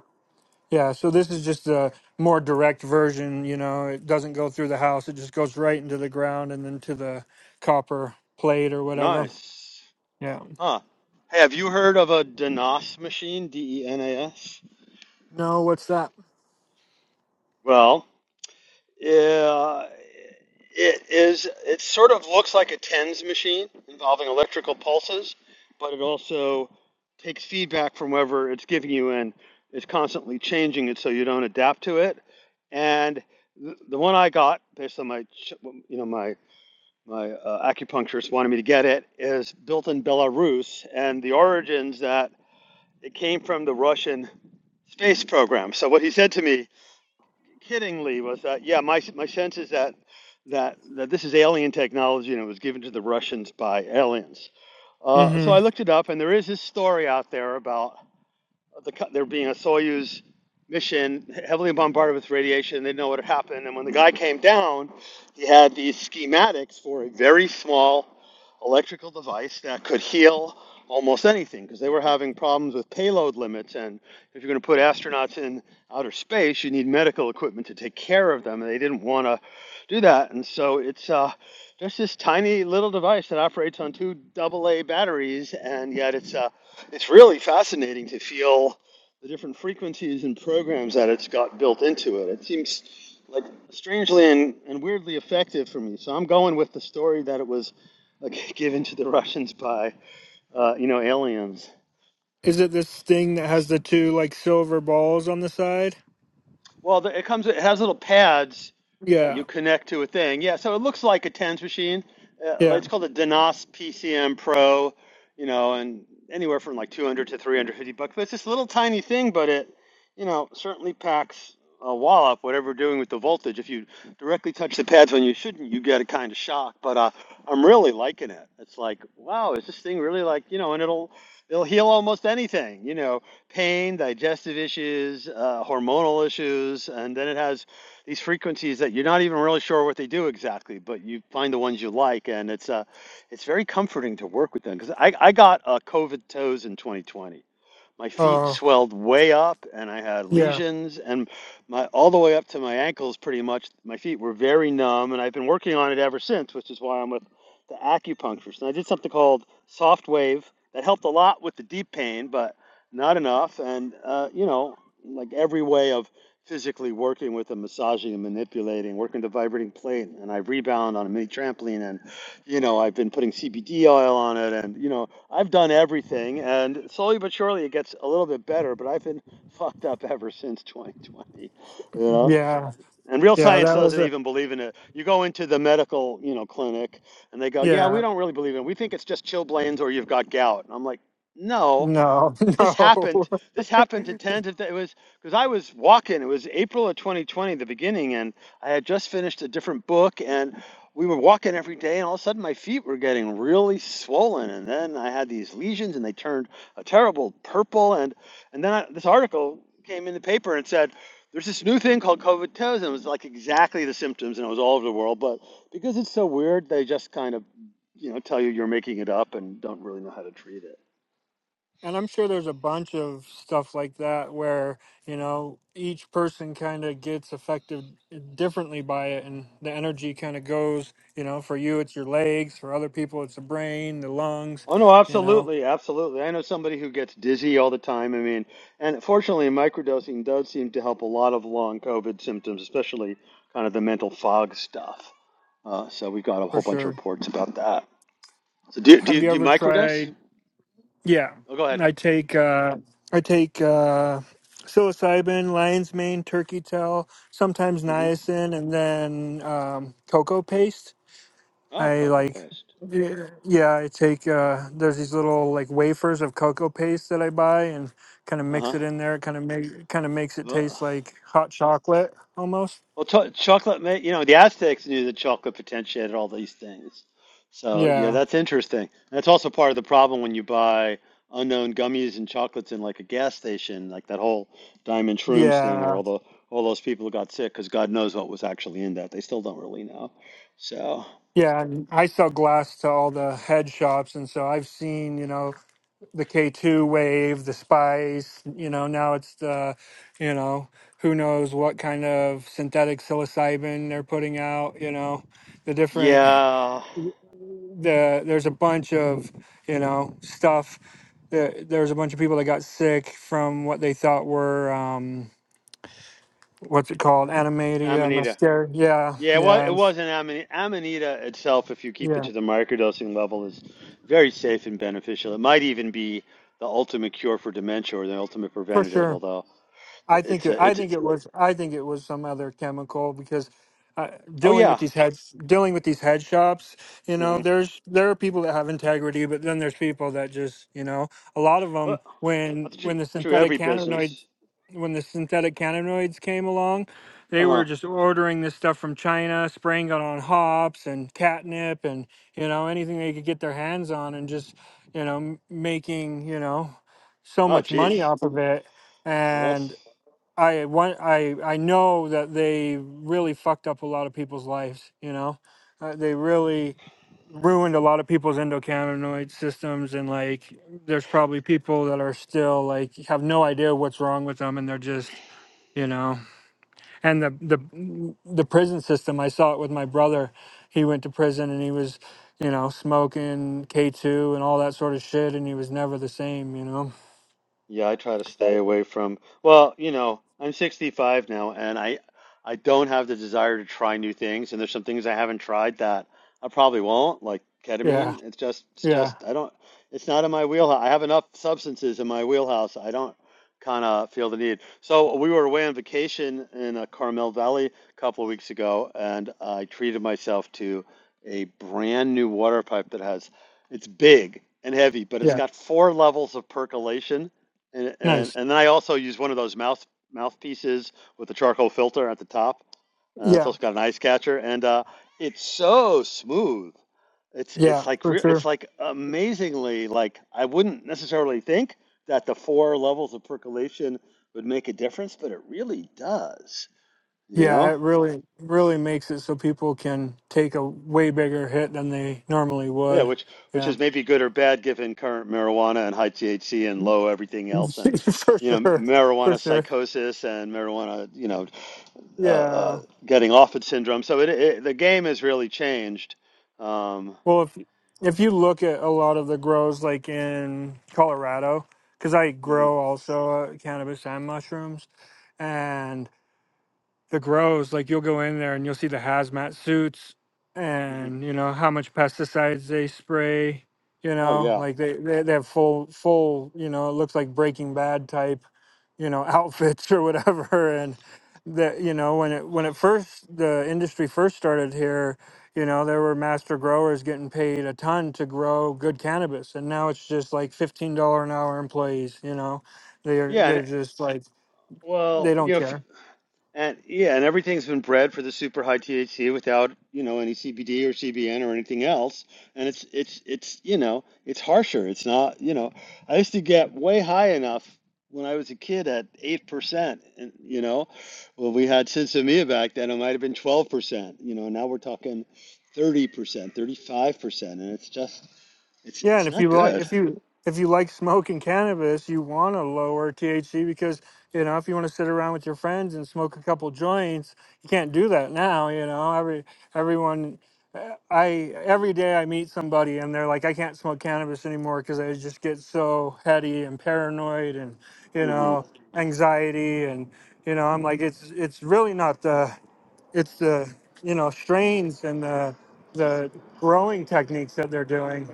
Speaker 3: yeah. So this is just a more direct version. You know, it doesn't go through the house; it just goes right into the ground and then to the copper plate or whatever.
Speaker 1: nice
Speaker 3: Yeah.
Speaker 1: Huh. Hey, have you heard of a DeNAS machine? D-E-N-A-S?
Speaker 3: No, what's that?
Speaker 1: Well, uh, it is. It sort of looks like a TENS machine involving electrical pulses, but it also takes feedback from wherever it's giving you and is constantly changing it so you don't adapt to it. And th- the one I got, based on my, ch- you know, my my uh, acupuncturist wanted me to get it, is built in Belarus, and the origins that It came from the Russian space program. So what he said to me kiddingly was that, yeah, my, my sense is that, that, that this is alien technology and it was given to the Russians by aliens. Uh, so
Speaker 3: Mm-hmm.
Speaker 1: I looked it up, and there is this story out there about the, co- there being a Soyuz mission heavily bombarded with radiation. They didn't know what had happened. And when the guy came down, he had these schematics for a very small electrical device that could heal almost anything because they were having problems with payload limits. And if you're going to put astronauts in outer space, you need medical equipment to take care of them. And they didn't want to do that. And so it's uh, just this tiny little device that operates on two AA batteries, and yet it's a it's really fascinating to feel the different frequencies and programs that it's got built into it. It seems like strangely and, and weirdly effective for me. So I'm going with the story that it was like given to the Russians by uh, you know aliens.
Speaker 3: Is it this thing that has the two like silver balls on the side?
Speaker 1: Well, the, it comes. It has little pads that you
Speaker 3: Yeah.
Speaker 1: connect to a thing. Yeah, so it looks like a TENS machine. Uh,
Speaker 3: Yeah.
Speaker 1: it's called a Denos PCM Pro. You know, and anywhere from like 200 to 350 bucks. But it's this little tiny thing, but it, you know, certainly packs a wallop. Whatever you're doing with the voltage, if you directly touch the pads when you shouldn't, you get a kind of shock. But uh, I'm really liking it. It's like, wow, is this thing really like you know? And it'll it'll heal almost anything. You know, pain, digestive issues, uh, hormonal issues, and then it has these frequencies that you're not even really sure what they do exactly, but you find the ones you like, and it's uh, it's very comforting to work with them because I, I got uh, COVID toes in 2020 my feet
Speaker 3: Oh,
Speaker 1: swelled way up and I had
Speaker 3: yeah,
Speaker 1: lesions and my all the way up to my ankles pretty much my feet were very numb and I've been working on it ever since which is why I'm with the acupuncturist and I did something called soft wave that helped a lot with the deep pain but not enough and uh, you know like every way of physically working with them massaging and manipulating working the vibrating plate and I rebound on a mini trampoline and you know I've been putting CBD oil on it and you know I've done everything, and slowly but surely it gets a little bit better, but I've been fucked up ever since 2020, you know?
Speaker 3: yeah,
Speaker 1: And real
Speaker 3: yeah.
Speaker 1: science
Speaker 3: That was
Speaker 1: doesn't
Speaker 3: a
Speaker 1: even believe in it. You go into the medical, you know, clinic and they go, "Yeah, we
Speaker 3: yeah.
Speaker 1: don't really believe in it. We think it's just chilblains or you've got gout." And I'm like, "No,
Speaker 3: No,
Speaker 1: this
Speaker 3: no.
Speaker 1: happened. This happened to tens of. Th- it was because I was walking. It was April of 2020, the beginning, and I had just finished a different book, and we were walking every day, and all of a sudden my feet were getting really swollen, and then I had these lesions, and they turned a terrible purple, and and then I, this article came in the paper and said. There's this new thing called COVID toes, and it was like exactly the symptoms, and it was all over the world. But because it's so weird, they just kind of, you know, tell you you're making it up and don't really know how to treat it.
Speaker 3: And I'm sure there's a bunch of stuff like that where, you know, each person kind of gets affected differently by it and the energy kind of goes, you know, for you it's your legs, for other people it's the brain, the lungs,
Speaker 1: Oh no,
Speaker 3: you know,
Speaker 1: absolutely, absolutely. I know somebody who gets dizzy all the time. I mean, and fortunately, microdosing does seem to help a lot of long COVID symptoms, especially kind of the mental fog stuff. Uh, so we've got a
Speaker 3: for
Speaker 1: whole bunch of
Speaker 3: sure.
Speaker 1: reports about that. So do do you,
Speaker 3: Have you
Speaker 1: do you
Speaker 3: ever
Speaker 1: microdose?
Speaker 3: tried yeah,
Speaker 1: Oh, go ahead.
Speaker 3: I take uh I take uh psilocybin, lion's mane, turkey tail, sometimes
Speaker 1: hmm
Speaker 3: niacin and then um cocoa paste
Speaker 1: Oh,
Speaker 3: I
Speaker 1: cocoa
Speaker 3: like,
Speaker 1: paste.
Speaker 3: yeah, yeah, I take, uh, there's these little like wafers of cocoa paste that I buy and kind of mix
Speaker 1: Uh
Speaker 3: it in there. It kind of make, kind of makes it taste
Speaker 1: huh.
Speaker 3: like hot chocolate almost.
Speaker 1: Well, cho chocolate, ma- you know, the Aztecs knew that chocolate potentiated all these things. So, yeah,
Speaker 3: Yeah.
Speaker 1: that's interesting. That's also part of the problem when you buy unknown gummies and chocolates in like a gas station, like that whole Diamond Shrooms thing where
Speaker 3: Yeah.
Speaker 1: all the all those people got sick because God knows what was actually in that. They still don't really know. So,
Speaker 3: Yeah. And I sell glass to all the head shops. And so I've seen, you know, the K2 wave, the spice, you know, now it's the, you know, who knows what kind of synthetic psilocybin they're putting out, you know, the different.
Speaker 1: yeah,
Speaker 3: the there's a bunch of you know stuff that there's a bunch of people that got sick from what they thought were um what's it called animatia
Speaker 1: Amanita.
Speaker 3: mascara yeah
Speaker 1: Yeah, well,
Speaker 3: yeah
Speaker 1: it
Speaker 3: and
Speaker 1: wasn't amanita. Amanita itself, if you keep it
Speaker 3: yeah
Speaker 1: to the microdosing level, is very safe and beneficial. It might even be the ultimate cure for dementia or the ultimate
Speaker 3: for
Speaker 1: preventative.
Speaker 3: sure
Speaker 1: Although
Speaker 3: I think
Speaker 1: it's
Speaker 3: it,
Speaker 1: a,
Speaker 3: I
Speaker 1: it's
Speaker 3: think it was I think it was some other chemical because uh,
Speaker 1: oh
Speaker 3: dealing with
Speaker 1: yeah,
Speaker 3: these head dealing with these head shops, you know,
Speaker 1: hmm
Speaker 3: there's there are people that have integrity, but then there's people that just you know a lot of
Speaker 1: well,
Speaker 3: them when
Speaker 1: that's
Speaker 3: when
Speaker 1: true.
Speaker 3: the
Speaker 1: True,
Speaker 3: synthetic
Speaker 1: every
Speaker 3: cannabinoids
Speaker 1: business.
Speaker 3: when the synthetic cannabinoids came along, they
Speaker 1: Uh
Speaker 3: were
Speaker 1: huh.
Speaker 3: just ordering this stuff from China, spraying it on hops and catnip and you know anything they could get their hands on and just you know m- making you know so
Speaker 1: Oh,
Speaker 3: much money
Speaker 1: geez.
Speaker 3: off of it
Speaker 1: Well,
Speaker 3: and
Speaker 1: that's
Speaker 3: I want I I know that they really fucked up a lot of people's lives. You know, uh, they really ruined a lot of people's endocannabinoid systems, and like, there's probably people that are still like have no idea what's wrong with them, and they're just you know. And the the the prison system, I saw it with my brother. He went to prison, and he was you know smoking K two and all that sort of shit, and he was never the same. You know.
Speaker 1: Yeah, I try to stay away from, well, you know, I'm 65 now and I I don't have the desire to try new things and there's some things I haven't tried that I probably won't, like
Speaker 3: Yeah.
Speaker 1: ketamine. It's just it's
Speaker 3: Yeah.
Speaker 1: just I don't it's not in my wheelhouse. I have enough substances in my wheelhouse. I don't kind of feel the need. So we were away on vacation in uh, Carmel Valley a couple of weeks ago and I treated myself to a brand new water pipe that has it's big and heavy, but it's
Speaker 3: Yeah.
Speaker 1: got four levels of percolation and, and
Speaker 3: Nice.
Speaker 1: and then I also use one of those mouth mouthpieces with the charcoal filter at the top. Uh, it's
Speaker 3: Yeah.
Speaker 1: also got an ice catcher, and uh, it's so smooth. It's
Speaker 3: Yeah,
Speaker 1: it's like
Speaker 3: for
Speaker 1: re- it's
Speaker 3: sure.
Speaker 1: like amazingly like I wouldn't necessarily think that the four levels of percolation would make a difference, but it really does. You
Speaker 3: Yeah,
Speaker 1: know?
Speaker 3: it really really makes it so people can take a way bigger hit than they normally
Speaker 1: Yeah,
Speaker 3: would.
Speaker 1: which which
Speaker 3: Yeah.
Speaker 1: is maybe good or bad given current marijuana and high THC and low everything else and
Speaker 3: for
Speaker 1: you know
Speaker 3: sure. For
Speaker 1: marijuana
Speaker 3: sure.
Speaker 1: psychosis and marijuana you know uh, uh,
Speaker 3: Yeah.
Speaker 1: getting off it syndrome. So it, it the game has really changed. Um,
Speaker 3: Well, if if you look at a lot of the grows like in Colorado cuz I
Speaker 1: mhm,
Speaker 3: grow also uh, cannabis and mushrooms the grows, like you'll go in there and you'll see the hazmat suits
Speaker 1: mhm.
Speaker 3: and you know how much pesticides they spray. You
Speaker 1: Oh
Speaker 3: know,
Speaker 1: yeah,
Speaker 3: like they they, they have full full you know it looks like Breaking Bad type you know outfits or whatever. And that you know when it when it first the industry first started here, you know there were master growers getting paid a ton to grow good cannabis, and now it's just like fifteen dollar an hour employees. You know, they're
Speaker 1: yeah. And
Speaker 3: they're
Speaker 1: it-
Speaker 3: just like they
Speaker 1: well, you
Speaker 3: don't
Speaker 1: know,
Speaker 3: care.
Speaker 1: And yeah, and everything's been bred for the super high THC without, you know, any CBD or CBN or anything else. And it's it's it's, you know, it's harsher. It's not, you know, I used to get way high enough when I was a kid at 8%, and you know, well we had Sinsemia back then, it might have been 12%, you know, now we're talking 30%, 35%, and it's just it's
Speaker 3: Yeah,
Speaker 1: it's
Speaker 3: and if
Speaker 1: not
Speaker 3: you like
Speaker 1: good.
Speaker 3: if you if you like smoking cannabis, you want to lower THC because you know if you want to sit around with your friends and smoke a couple joints, you can't do that now. You know, every everyone, uh, I every day I meet somebody and they're like, I can't smoke cannabis anymore because I just get so heady and paranoid and you
Speaker 1: Mm-hmm.
Speaker 3: know anxiety and you know I'm like it's it's really not the it's the you know strains and the the growing techniques that they're doing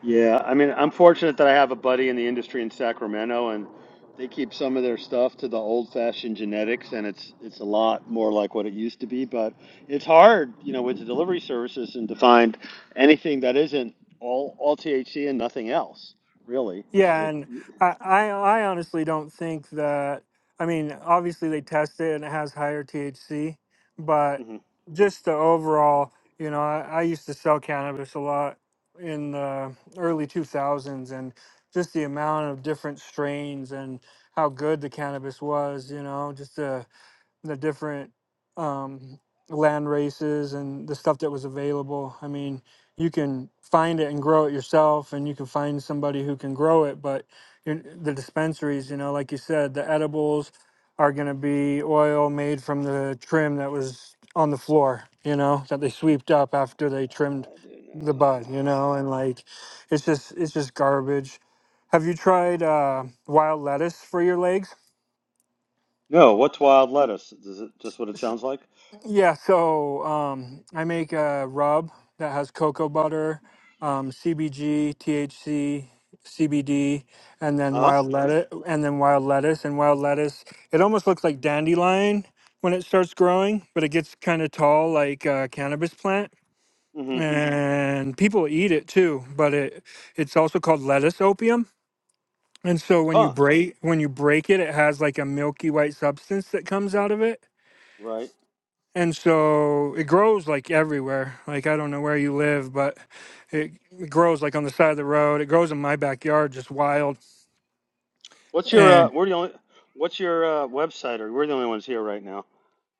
Speaker 1: Yeah, I mean, I'm fortunate that I have a buddy in the industry in Sacramento, and they keep some of their stuff to the old-fashioned genetics, and it's it's a lot more like what it used to be. But it's hard, you know, with the delivery services and to find anything that isn't all all THC and nothing else, really. They,
Speaker 3: Yeah, and I, I I honestly don't think that. I mean, obviously they test it and it has higher THC, but
Speaker 1: Mhm. I
Speaker 3: just the overall, you know, I, I used to sell cannabis a lot in the early 2000s and just the amount of different strains and how good the cannabis was, you know, just the the different um, land races and the stuff that was available. I mean, you can find it and grow it yourself, and you can find somebody who can grow it. But you- the dispensaries, you know, like you said, the edibles are going to be oil made from the trim that was on the floor, you know, that they sweeped up after they trimmed
Speaker 1: don't
Speaker 3: the bud,
Speaker 1: know.
Speaker 3: you know, and like it's just it's just garbage. Have you tried uh, wild lettuce for your legs?
Speaker 1: No, what's wild lettuce? Is it just what it sounds like?
Speaker 3: Yeah, so um, I make a rub that has cocoa butter, um, CBG, THC, CBD, and then
Speaker 1: Huh?
Speaker 3: wild lettuce, and then wild lettuce, and wild lettuce. It almost looks like dandelion when it starts growing, but it gets kind of tall like a cannabis plant.
Speaker 1: hmm
Speaker 3: And people eat it too, but it it's also called lettuce opium. And so when you
Speaker 1: Huh?
Speaker 3: break when you break it, it has like a milky white substance that comes out of it
Speaker 1: Right.
Speaker 3: and so it grows like everywhere like i don't know where you live but it, it grows like on the side of the road it grows in my backyard just wild
Speaker 1: What's your uh?
Speaker 3: and
Speaker 1: We're the only. What's your uh, website? Or we're the only ones here right now.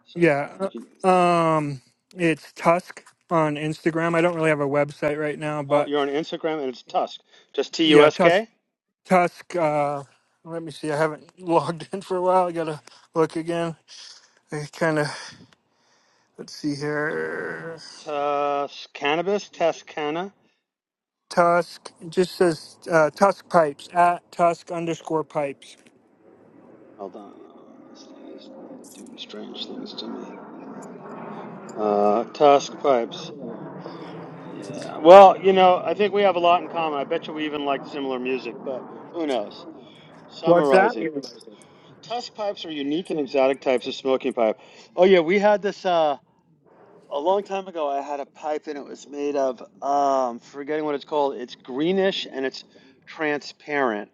Speaker 1: So you
Speaker 3: yeah
Speaker 1: can.
Speaker 3: uh, um it's tusk on instagram i don't really have a website right now
Speaker 1: Oh,
Speaker 3: but
Speaker 1: you're on Instagram and it's Tusk. Just T U
Speaker 3: yeah
Speaker 1: S
Speaker 3: tusk
Speaker 1: K.
Speaker 3: tusk uh let me see i haven't logged in for a while i gotta look again i kind of let's see here
Speaker 1: Tusk cannabis. Tuscana.
Speaker 3: tusk it just says uh, tusk pipes at tusk underscore pipes
Speaker 1: Hold on. Oh, this thing is doing strange things to me. Uh, Tusk pipes. Yeah. Well, you know, I think we have a lot in common. I bet you we even like similar music, but who knows?
Speaker 3: what's that
Speaker 1: Summarizing. Tusk pipes are unique and exotic types of smoking pipe. Oh yeah, we had this. Uh, a long time ago I had a pipe and it was made of um forgetting what it's called. It's greenish and it's transparent,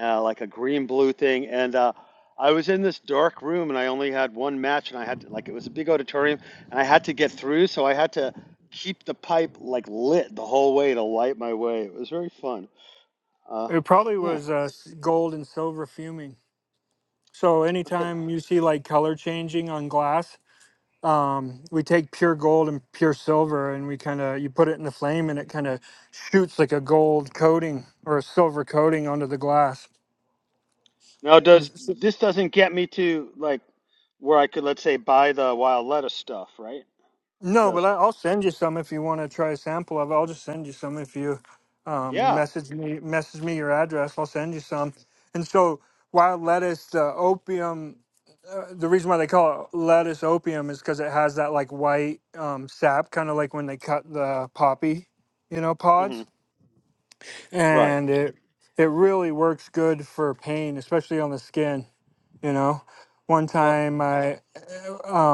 Speaker 1: uh, like a green blue thing. And uh, I was in this dark room and I only had one match and I had like it was a big auditorium and I had to get through, so I had to keep the pipe like lit the whole way to light my way. It was very fun. Uh,
Speaker 3: It probably
Speaker 1: yeah.
Speaker 3: was uh, s- gold and silver fuming. So
Speaker 1: Okay.
Speaker 3: anytime you see like color changing on glass, um, we take pure gold and pure silver, and we kind of you put it in the flame, and it kind of shoots like a gold coating or a silver coating onto the glass.
Speaker 1: Now does this doesn't get me to like where I could let's say buy the wild lettuce stuff, right? Or
Speaker 3: No, but
Speaker 1: does
Speaker 3: I,
Speaker 1: it?
Speaker 3: I'll send you some if you want to try a sample of it. I'll just send you some if you um,
Speaker 1: Yeah.
Speaker 3: message me message me your address. I'll send you some. And so wild lettuce, the opium, uh, the reason why they call it lettuce opium is because it has that like white um, sap, kind of like when they cut the poppy, you know,
Speaker 1: Mm-hmm.
Speaker 3: pods.
Speaker 1: Right.
Speaker 3: And it it really works good for pain, especially on the skin. You know, one
Speaker 1: Well,
Speaker 3: time I um,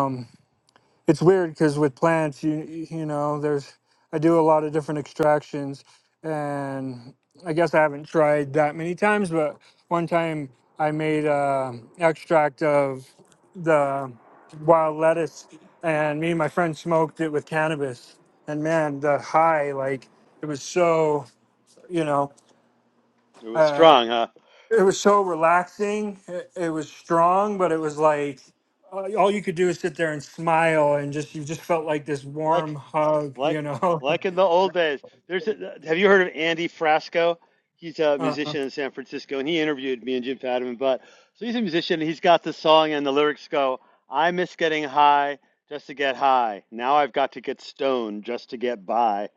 Speaker 3: it's weird because with plants you you know there's i do a lot of different extractions and i guess i haven't tried that many times but one time i made a extract of the wild lettuce and me and my friend smoked it with cannabis and man the high like it was so you know
Speaker 1: it was
Speaker 3: uh,
Speaker 1: strong, huh?
Speaker 3: it was so relaxing. It, it was strong, but it was like uh, all you could do is sit there and smile, and just you just felt like this
Speaker 1: Like,
Speaker 3: warm hug,
Speaker 1: like,
Speaker 3: you know.
Speaker 1: like in the old days. There's. A, have you heard of Andy Frasco? He's a
Speaker 3: Uh,
Speaker 1: musician in San Francisco, and he interviewed me and Jim Fadiman. But so he's a musician. and He's got the song, and the lyrics go, "I miss getting high just to get high. Now I've got to get stoned just to get by."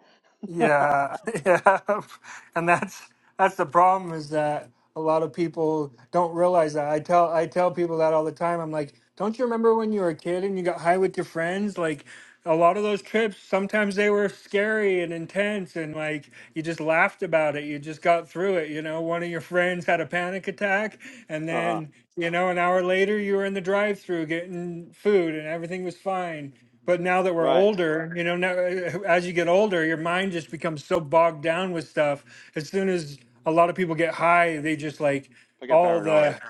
Speaker 1: uh
Speaker 3: Yeah, yeah, and that's that's the problem is that a lot of people don't realize that. I tell I tell people that all the time. I'm like, don't you remember when you were a kid and you got high with your friends? Like a lot of those trips, sometimes they were scary and intense, and like you just laughed about it. You just got through it. You know, one of your friends had a panic attack, and
Speaker 1: huh.
Speaker 3: then you know an hour later you were in the drive-through getting food, and everything was fine. But now that we're
Speaker 1: Right.
Speaker 3: older, you know, now, uh, as you get older, your mind just becomes so bogged down with stuff. As soon as a lot of people get high, they just like
Speaker 1: I got
Speaker 3: all the
Speaker 1: paranoid.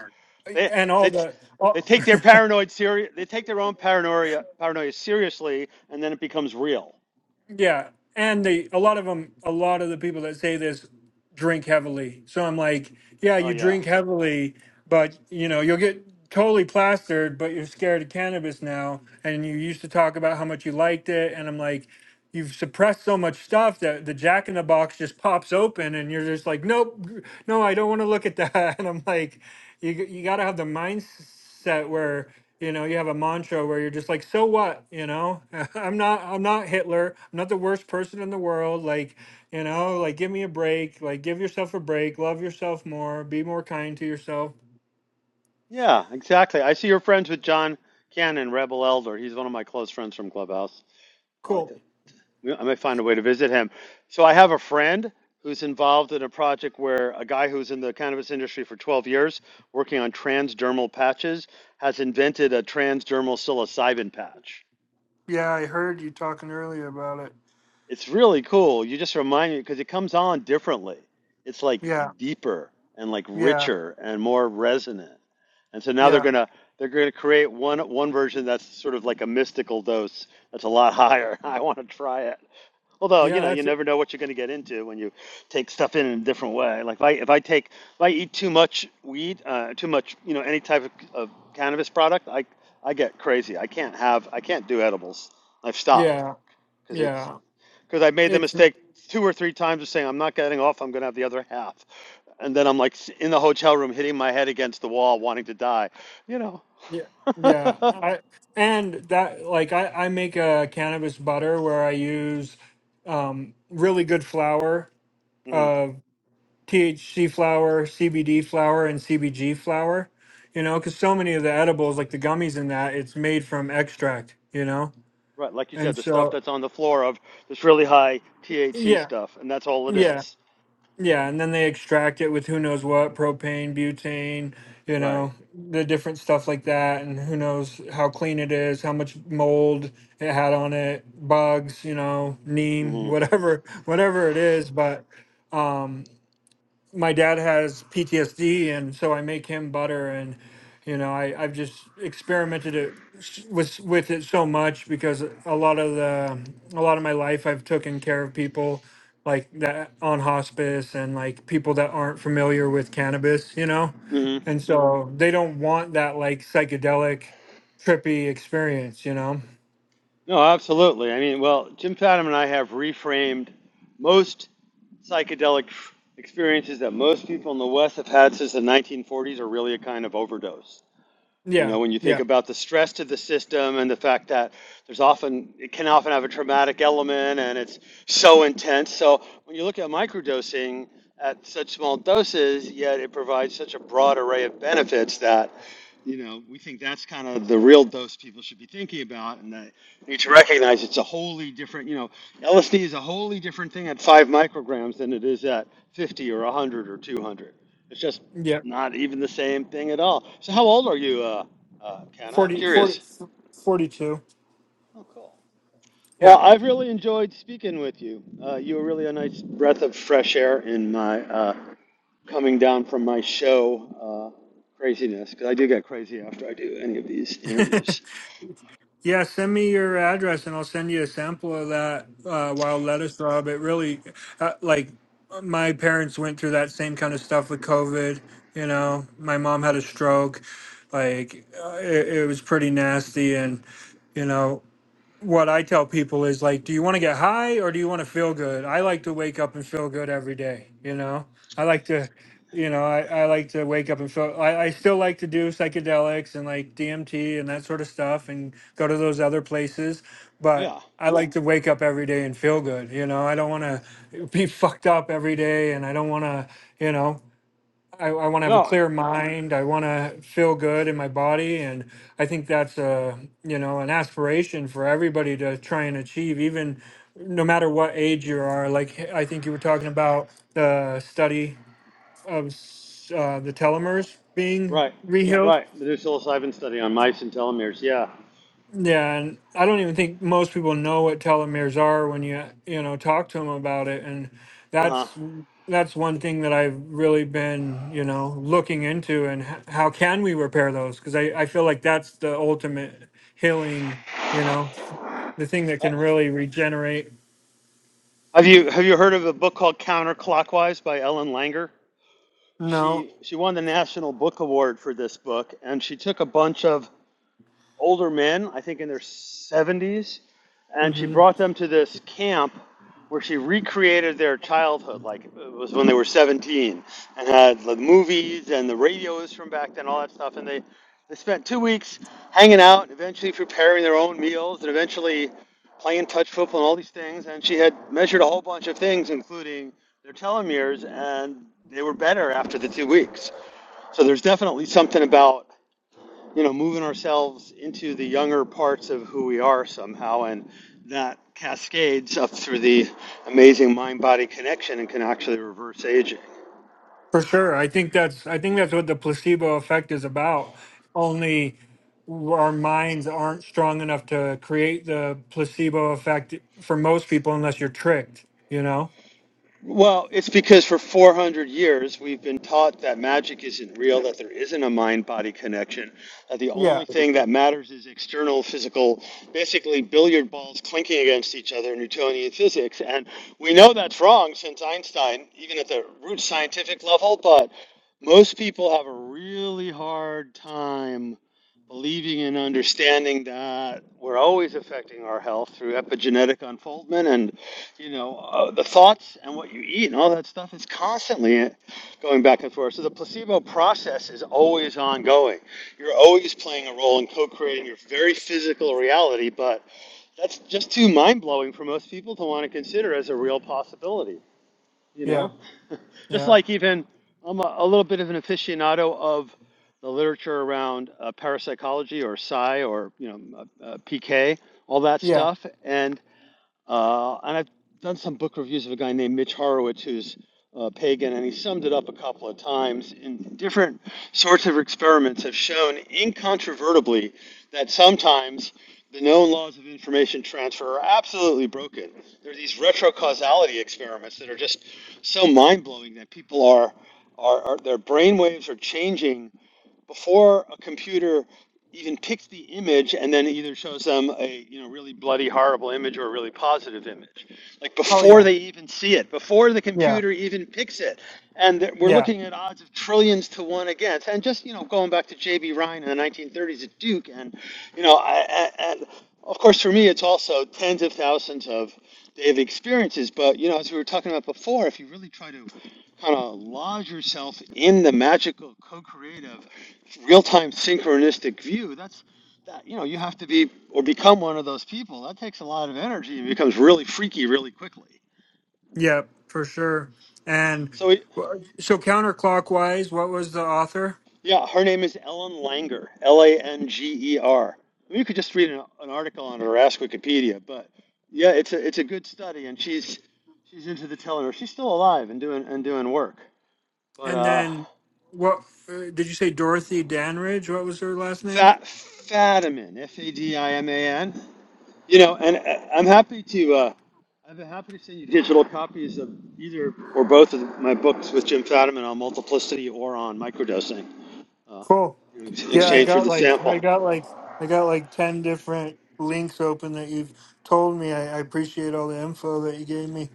Speaker 1: They
Speaker 3: and all
Speaker 1: they
Speaker 3: the
Speaker 1: they
Speaker 3: all,
Speaker 1: take their paranoid seri. They take their own paranoia paranoia seriously, and then it becomes real.
Speaker 3: yeah, and they a lot of them a lot of the people that say this drink heavily. So I'm like, yeah,
Speaker 1: Oh
Speaker 3: you
Speaker 1: yeah.
Speaker 3: drink heavily, but you know, you'll get totally plastered, but you're scared of cannabis now and you used to talk about how much you liked it and I'm like, you've suppressed so much stuff that the jack in the box just pops open and you're just like nope gr- no i don't want to look at that and i'm like you, g- you got to have the mindset where you know you have a mantra where you're just like so what you know i'm not i'm not hitler i'm not the worst person in the world like you know like give me a break like give yourself a break love yourself more be more kind to yourself
Speaker 1: Yeah, exactly. I see you're friends with John Cannon, Rebel Elder. He's one of my close friends from Clubhouse. I like
Speaker 3: cool
Speaker 1: to. I may find a way to visit him. So I have a friend who's involved in a project where a guy who's in the cannabis industry for 12 years, working on transdermal patches, has invented a transdermal psilocybin patch.
Speaker 3: yeah i heard you talking earlier about it
Speaker 1: It's really cool. You just remind me because it comes on differently. It's like
Speaker 3: yeah
Speaker 1: deeper and like
Speaker 3: yeah
Speaker 1: richer and more resonant. And so now they're
Speaker 3: yeah
Speaker 1: gonna they're gonna create one one version that's sort of like a mystical dose that's a lot higher. I want to try it. Although
Speaker 3: yeah
Speaker 1: you know you
Speaker 3: that's it
Speaker 1: never know what you're gonna get into when you take stuff in, in a different way. Like if I if I take if I eat too much weed, uh, too much you know any type of, of cannabis product, I I get crazy. I can't have I can't do edibles. I've stopped
Speaker 3: yeah
Speaker 1: because it's
Speaker 3: yeah
Speaker 1: because I made the
Speaker 3: it's
Speaker 1: mistake two or three times of saying I'm not getting off. I'm going to have the other half, and then I'm like in the hotel room, hitting my head against the wall, wanting to die. You know.
Speaker 3: Yeah, yeah. I and that like I I make a cannabis butter where I use um really good flour,
Speaker 1: hmm
Speaker 3: uh THC flour, CBD flour and CBG flour, you know, cuz so many of the edibles like the gummies in that it's made from extract, you know.
Speaker 1: Right, like you said,
Speaker 3: And
Speaker 1: the stuff
Speaker 3: so
Speaker 1: that's on the floor of this really high THC
Speaker 3: yeah,
Speaker 1: stuff, and that's all it
Speaker 3: yeah.
Speaker 1: is.
Speaker 3: Yeah, and then they extract it with who knows what propane, butane, you
Speaker 1: Right.
Speaker 3: know, the different stuff like that, and who knows how clean it is, how much mold it had on it, bugs, you know, neem,
Speaker 1: hmm
Speaker 3: whatever, whatever it is. But um, my dad has PTSD, and so I make him butter, and you know, I I've just experimented it s- with with it so much because a lot of the a lot of my life I've taken care of people like that on hospice and like people that aren't familiar with cannabis, you know,
Speaker 1: hmm
Speaker 3: and Mhm. so they don't want that like psychedelic trippy experience, you know.
Speaker 1: No, absolutely. I mean, well, Jim Fadham and I have reframed most psychedelic experiences that most people in the West have had since the 1940s are really a kind of overdose You know,
Speaker 3: Yeah,
Speaker 1: when you think
Speaker 3: yeah,
Speaker 1: about the stress to the system and the fact that there's often, it can often have a traumatic element and it's so intense. So when you look at microdosing at such small doses, yet it provides such a broad array of benefits that, you know, we think that's kind of the real dose people should be thinking about and that you need to recognize it's a wholly different, you know, LSD is a wholly different thing at five micrograms than it is at 50 or 100 or 200. It's just
Speaker 3: yeah.
Speaker 1: not even the same thing at all. So how old are you, uh, uh, Ken, I'm
Speaker 3: 40, 40,
Speaker 1: curious.
Speaker 3: 42.
Speaker 1: Oh, cool. Well, I've
Speaker 3: Yeah.
Speaker 1: really enjoyed speaking with you. Uh, you were really a nice breath of fresh air in my uh, coming down from my show uh, craziness, because I do get crazy after I do any of these interviews.
Speaker 3: Yeah, send me your address and I'll send you a sample of that uh, wild lettuce Rob. It really, uh, like, my parents went through that same kind of stuff with COVID. You know, my mom had a stroke. Like, uh, it, it was pretty nasty. And, you know, what I tell people is like, do you want to get high or do you want to feel good? I like to wake up and feel good every day. You know, I like to, you know, I, I like to wake up and feel, I, I still like to do psychedelics and like DMT and that sort of stuff and go to those other places. But
Speaker 1: Yeah.
Speaker 3: I like to wake up every day and feel good. You know, I don't want to be fucked up every day and I don't want to, you know, I, I want to have a
Speaker 1: No.
Speaker 3: clear mind. I want to feel good in my body, and I think that's a you know an aspiration for everybody to try and achieve, even no matter what age you are. Like h- I think you were talking about the study of s- uh, the telomeres being
Speaker 1: Right.
Speaker 3: Yeah. rehealed.
Speaker 1: Right. The new psilocybin study on mice and telomeres. Yeah.
Speaker 3: Yeah, and I don't even think most people know what telomeres are when you you know talk to them about it, and
Speaker 1: Uh-huh.
Speaker 3: that's that's one thing that I've really been you know looking into, and h- how can we repair those? Because I I feel like that's the ultimate healing, you know, the thing that
Speaker 1: Uh,
Speaker 3: can really regenerate.
Speaker 1: Have you have you heard of a book called Counterclockwise by Ellen Langer?
Speaker 3: No.
Speaker 1: She she won the National Book Award for this book, and she took a bunch of older men, I think in their 70s, and she brought them to this camp where she recreated their childhood, like it was when they were 17, and had the movies and the radios from back then, all that stuff. And they, they spent two weeks hanging out, and eventually preparing their own meals, and eventually playing touch football and all these things. And she had measured a whole bunch of things, including their telomeres, and they were better after the two weeks. So there's definitely something about you know, moving ourselves into the younger parts of who we are somehow, and that cascades up through the amazing mind body connection and can actually reverse aging.
Speaker 3: For sure. I think that's I think that's what the placebo effect is about. Only our minds aren't strong enough to create the placebo effect for most people unless you're tricked, you know?
Speaker 1: Well, it's because for 400 years we've been taught that magic isn't real, that there isn't a mind body connection, that the only
Speaker 3: Yeah.
Speaker 1: thing that matters is external physical, basically billiard balls clinking against each other in Newtonian physics. And we know that's wrong since Einstein, even at the root scientific level, but most people have a really hard time believing and understanding that we're always affecting our health through epigenetic unfoldment and you know, uh, the thoughts and what you eat and all that stuff is constantly going back and forth. So the placebo process is always ongoing. You're always playing a role in co-creating your very physical reality, but that's just too mind-blowing for most people to want to consider as a real possibility, you
Speaker 3: Yeah.
Speaker 1: know? just
Speaker 3: Yeah.
Speaker 1: like even I'm a, a little bit of an aficionado of the literature around uh, parapsychology or psi or, you know, uh, uh, PK, all that
Speaker 3: Yeah.
Speaker 1: stuff and uh, and I've done some book reviews of a guy named Mitch Horowitz, who's uh, pagan, and he summed it up a couple of times. And different sorts of experiments have shown incontrovertibly that sometimes the known laws of information transfer are absolutely broken. There are these retrocausality experiments that are just so mind blowing that people are, are, are their brain waves are changing before a computer even picks the image and then either shows them a you know really bloody horrible image or a really positive image like
Speaker 3: Oh
Speaker 1: before
Speaker 3: yeah.
Speaker 1: they even see it before the
Speaker 3: Yeah.
Speaker 1: computer even picks it and we're
Speaker 3: Yeah.
Speaker 1: looking at odds of trillions to one against and just you know going back to j.b ryan in the 1930s at duke and you know I, I, and of course for me it's also tens of thousands of daily experiences but you know as we were talking about before if you really try to kind of lodge yourself in the magical co-creative real-time synchronistic view that's that you know you have to be or become one of those people that takes a lot of energy and becomes really freaky really quickly
Speaker 3: Yeah, for sure. And
Speaker 1: so it,
Speaker 3: w- so counterclockwise, what was the author?
Speaker 1: yeah her name is ellen langer l-a-n-g-e-r I mean, you could just read an, an article on her ask wikipedia but yeah it's a it's a good study and she's she's into the telling she's still alive and doing and doing work but
Speaker 3: And
Speaker 1: uh
Speaker 3: then what uh, did you say Dorothy Danridge? What was her last name?
Speaker 1: fat fadiman f-a-d-i-m-a-n You know, and uh, I'm happy to. Uh, I've been happy to send you digital copies of either or both of my books with Jim Fadiman on multiplicity or on microdosing uh,
Speaker 3: Cool.
Speaker 1: in ex-
Speaker 3: Yeah, I
Speaker 1: exchange for
Speaker 3: got
Speaker 1: the
Speaker 3: like I
Speaker 1: sample.
Speaker 3: got like I got like ten different links open that you've told me. I, I appreciate all the info that you gave me.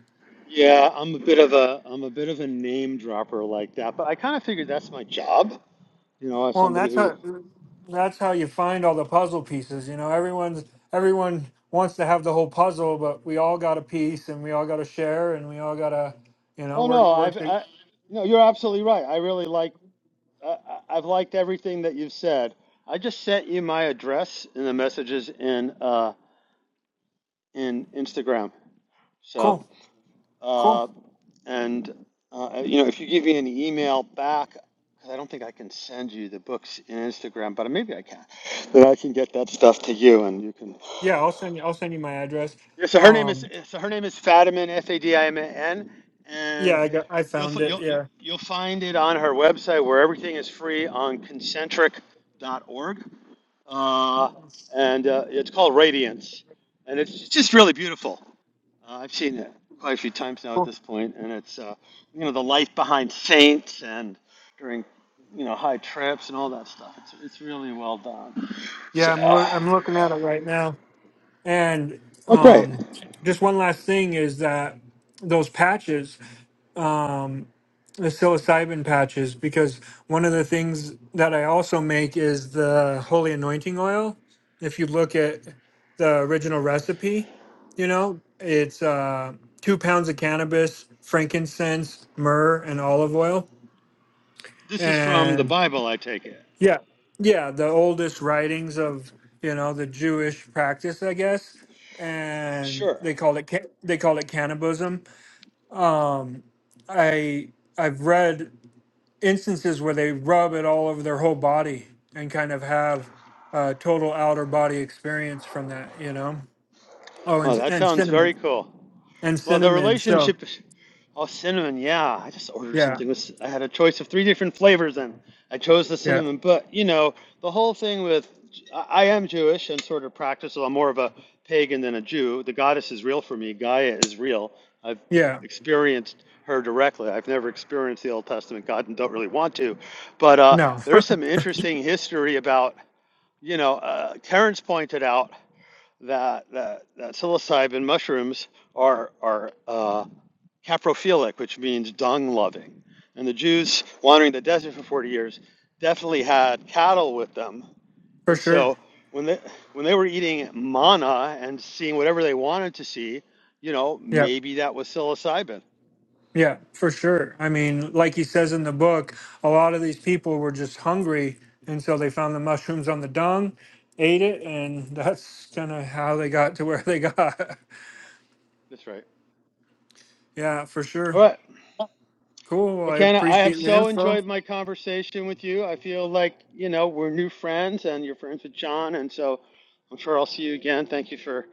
Speaker 1: Yeah, I'm a bit of a I'm a bit of a name dropper like that, but I kind of figured that's my job. You know, as
Speaker 3: Well, and
Speaker 1: somebody
Speaker 3: that's
Speaker 1: who.
Speaker 3: how that's how you find all the puzzle pieces. You know, everyone's everyone wants to have the whole puzzle, but we all got a piece, and we all got to share, and we all got to you know
Speaker 1: Oh
Speaker 3: work
Speaker 1: no,
Speaker 3: work.
Speaker 1: I've
Speaker 3: To,
Speaker 1: I, no, you're absolutely right. I really like I, I've liked everything that you've said. I just sent you my address in the messages in uh, in Instagram. So,
Speaker 3: cool,
Speaker 1: uh,
Speaker 3: cool.
Speaker 1: and uh, you know, if you give me an email back, because I don't think I can send you the books in Instagram, but maybe I can. Then I can get that stuff to you, and you can.
Speaker 3: Yeah, I'll send you. I'll send you my address.
Speaker 1: Yeah, so her name is
Speaker 3: Um,
Speaker 1: so her name is Fadiman F A D I M A N,
Speaker 3: yeah,
Speaker 1: and
Speaker 3: I got I
Speaker 1: you'll
Speaker 3: found
Speaker 1: fi-
Speaker 3: it.
Speaker 1: you'll you- will you will
Speaker 3: Yeah,
Speaker 1: you will find it on her website where everything is free on concentric dot org. uh, and uh, it's called Radiance, and it's just really beautiful. Uh, I've seen it quite a few times now at
Speaker 3: cool.
Speaker 1: this point, and it's uh, you know the life behind Saints and during you know high trips and all that stuff. It's it's really well done.
Speaker 3: Yeah,
Speaker 1: So,
Speaker 3: I'm loo- I'm looking at it right now. And
Speaker 1: oh great,
Speaker 3: um, just one last thing is that those patches, um, the psilocybin patches, because one of the things that I also make is the holy anointing oil. If you look at the original recipe, you know, it's uh, two pounds of cannabis, frankincense, myrrh, and olive oil.
Speaker 1: this is from the Bible, I take it.
Speaker 3: Yeah, yeah, the oldest writings of you know the Jewish practice, I guess, and
Speaker 1: Sure.
Speaker 3: they called it ca- they called it cannibalism. Um, I I've read instances where they rub it all over their whole body and kind of have a total outer body experience from that, you know. Oh,
Speaker 1: Oh,
Speaker 3: and
Speaker 1: that
Speaker 3: and
Speaker 1: sounds
Speaker 3: cinnamon
Speaker 1: very cool.
Speaker 3: and
Speaker 1: Well, the
Speaker 3: cinnamon. So
Speaker 1: relationship. Oh, cinnamon, yeah. I just ordered
Speaker 3: yeah,
Speaker 1: something with, I had a choice of three different flavors and I chose the
Speaker 3: yeah,
Speaker 1: cinnamon. But, you know, the whole thing with, I I am Jewish and sort of practice, so I'm more of a pagan than a Jew. The goddess is real for me, Gaia is real. I've
Speaker 3: yeah.
Speaker 1: experienced her directly. I've never experienced the Old Testament God and don't really want to. But uh,
Speaker 3: No,
Speaker 1: there's some interesting history about, you know, uh, Terrence pointed out that, that, that psilocybin mushrooms are, are, uh, caprophilic, which means dung loving. And the Jews wandering the desert for 40 years definitely had cattle with them.
Speaker 3: for
Speaker 1: And
Speaker 3: sure.
Speaker 1: so when they, when they were eating manna and seeing whatever they wanted to see, you know,
Speaker 3: Yeah.
Speaker 1: maybe that was psilocybin.
Speaker 3: Yeah, for sure. I mean, like he says in the book, a lot of these people were just hungry, and so they found the mushrooms on the dung, ate it, and that's kind of how they got to where they got.
Speaker 1: That's right.
Speaker 3: yeah, for
Speaker 1: All
Speaker 3: sure.
Speaker 1: right.
Speaker 3: Cool. Well,
Speaker 1: Well,
Speaker 3: I
Speaker 1: Ken, I have
Speaker 3: appreciate the
Speaker 1: so
Speaker 3: info.
Speaker 1: enjoyed my conversation with you. I feel like, you know, we're new friends and you're friends with John. And so I'm sure I'll see you again. Thank you for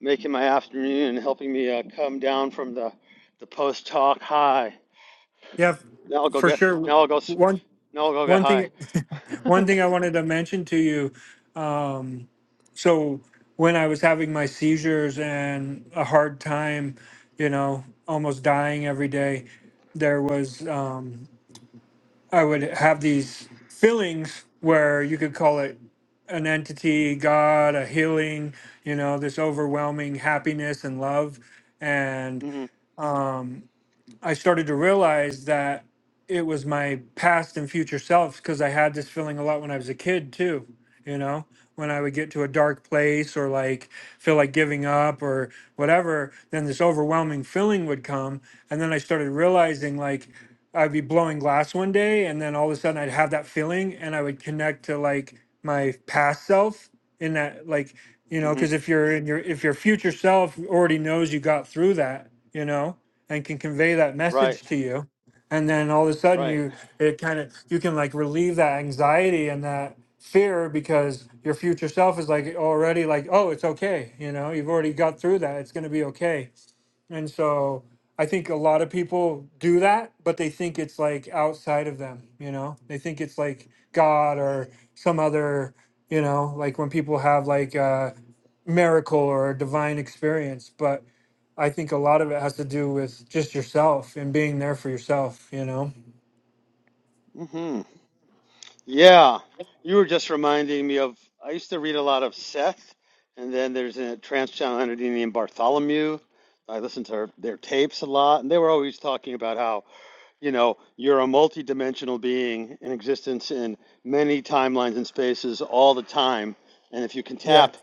Speaker 1: making my afternoon and helping me uh, come down from the, the post talk high.
Speaker 3: Yeah, f-
Speaker 1: Now I'll go
Speaker 3: for
Speaker 1: get,
Speaker 3: sure.
Speaker 1: now I'll go, s-
Speaker 3: One
Speaker 1: now I'll go get
Speaker 3: one
Speaker 1: high.
Speaker 3: thing one thing I wanted to mention to you. Um, so when I was having my seizures and a hard time, you know, almost dying every day, there was. Um, I would have these fillings where you could call it an entity, God, a healing, you know, this overwhelming happiness and love. And
Speaker 1: hmm
Speaker 3: um, I started to realize that it was my past and future selves because I had this feeling a lot when I was a kid too, you know, when I would get to a dark place or like feel like giving up or whatever, then this overwhelming feeling would come. And then I started realizing like I'd be blowing glass one day and then all of a sudden I'd have that feeling and I would connect to like my past self in that like you know
Speaker 1: hmm
Speaker 3: because if you're in your if your future self already knows you got through that you know and can convey that
Speaker 1: Right.
Speaker 3: message to you and then all of a sudden
Speaker 1: Right.
Speaker 3: you it kind of you can like relieve that anxiety and that fear because your future self is like already like oh it's okay you know you've already got through that it's going to be okay and so I think a lot of people do that, but they think it's like outside of them, you know? They think it's like God or some other, you know, like when people have like a miracle or a divine experience. But I think a lot of it has to do with just yourself and being there for yourself, you know?
Speaker 1: Mm-hmm. Yeah, you were just reminding me of. I used to read a lot of Seth, and then there's a trans channel entity named Bartholomew. I listened to her, their tapes a lot, and they were always talking about how you know, you're a multidimensional being in existence in many timelines and spaces all the time. And if you can
Speaker 3: Yeah.
Speaker 1: tap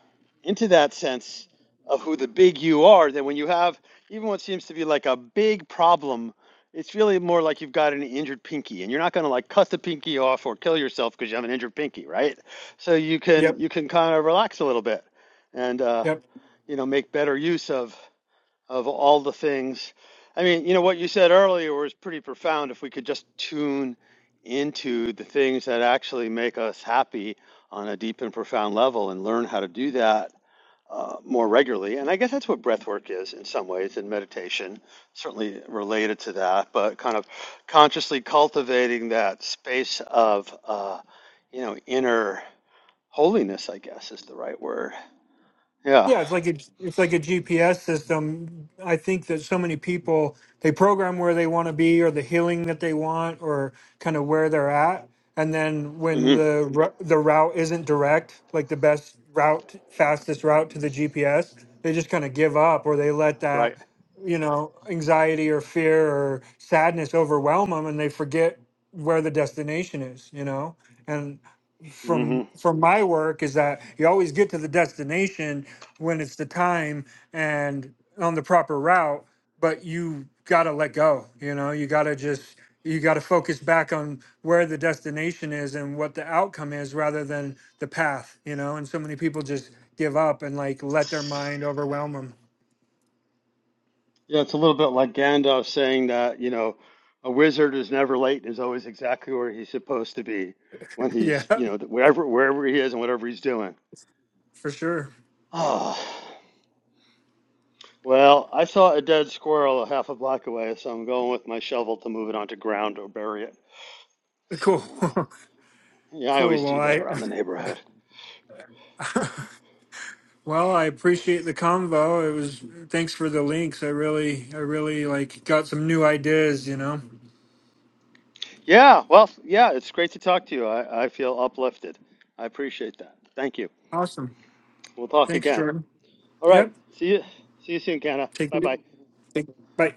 Speaker 1: into that sense of who the big you are, then when you have even what seems to be like a big problem, it's really more like you've got an injured pinky and you're not going to like cut the pinky off or kill yourself because you have an injured pinky, right? So you can
Speaker 3: Yep.
Speaker 1: you can kind of relax a little bit and uh,
Speaker 3: Yep.
Speaker 1: you know, make better use of of all the things. I mean, you know, what you said earlier was pretty profound. If we could just tune into the things that actually make us happy on a deep and profound level and learn how to do that uh, more regularly. And I guess that's what breath work is in some ways, and meditation, certainly related to that, but kind of consciously cultivating that space of, uh, you know, inner holiness, I guess is the right word. Yeah.
Speaker 3: Yeah, it's like a, it's like a GPS system. I think that so many people they program where they want to be or the healing that they want or kind of where they're at, and then when
Speaker 1: hmm
Speaker 3: the ru- the route isn't direct, like the best route, fastest route to the GPS, they just kind of give up or they let
Speaker 1: Right.
Speaker 3: that you know anxiety or fear or sadness overwhelm them, and they forget where the destination is. You know,
Speaker 1: Mm-hmm.
Speaker 3: from from my work is that you always get to the destination when it's the time and on the proper route but you got to let go you know you got to just you got to focus back on where the destination is and what the outcome is rather than the path you know and so many people just give up and like let their mind overwhelm them
Speaker 1: Yeah, it's a little bit like Gandalf saying that, you know, a wizard is never late and is always exactly where he's supposed to be when
Speaker 3: yeah
Speaker 1: he's, you know, wherever wherever he is and whatever he's doing.
Speaker 3: for sure
Speaker 1: Oh, well, I saw a dead squirrel a half a block away, so I'm going with my shovel to move it onto ground or bury it.
Speaker 3: cool
Speaker 1: So, yeah, I
Speaker 3: cool
Speaker 1: always
Speaker 3: well
Speaker 1: do that
Speaker 3: i
Speaker 1: around the neighborhood.
Speaker 3: Well, I appreciate the convo. It was thanks for the links. I really, I really like got some new ideas. You know,
Speaker 1: Yeah, well, yeah, it's great to talk to you. I, I feel uplifted. I appreciate that. Thank you.
Speaker 3: awesome.
Speaker 1: We'll talk
Speaker 3: Thanks,
Speaker 1: again.
Speaker 3: Jordan.
Speaker 1: All right.
Speaker 3: Yep.
Speaker 1: See you. See you soon, Kenna.
Speaker 3: Take.
Speaker 1: Bye
Speaker 3: it.
Speaker 1: bye.
Speaker 3: Take. Bye.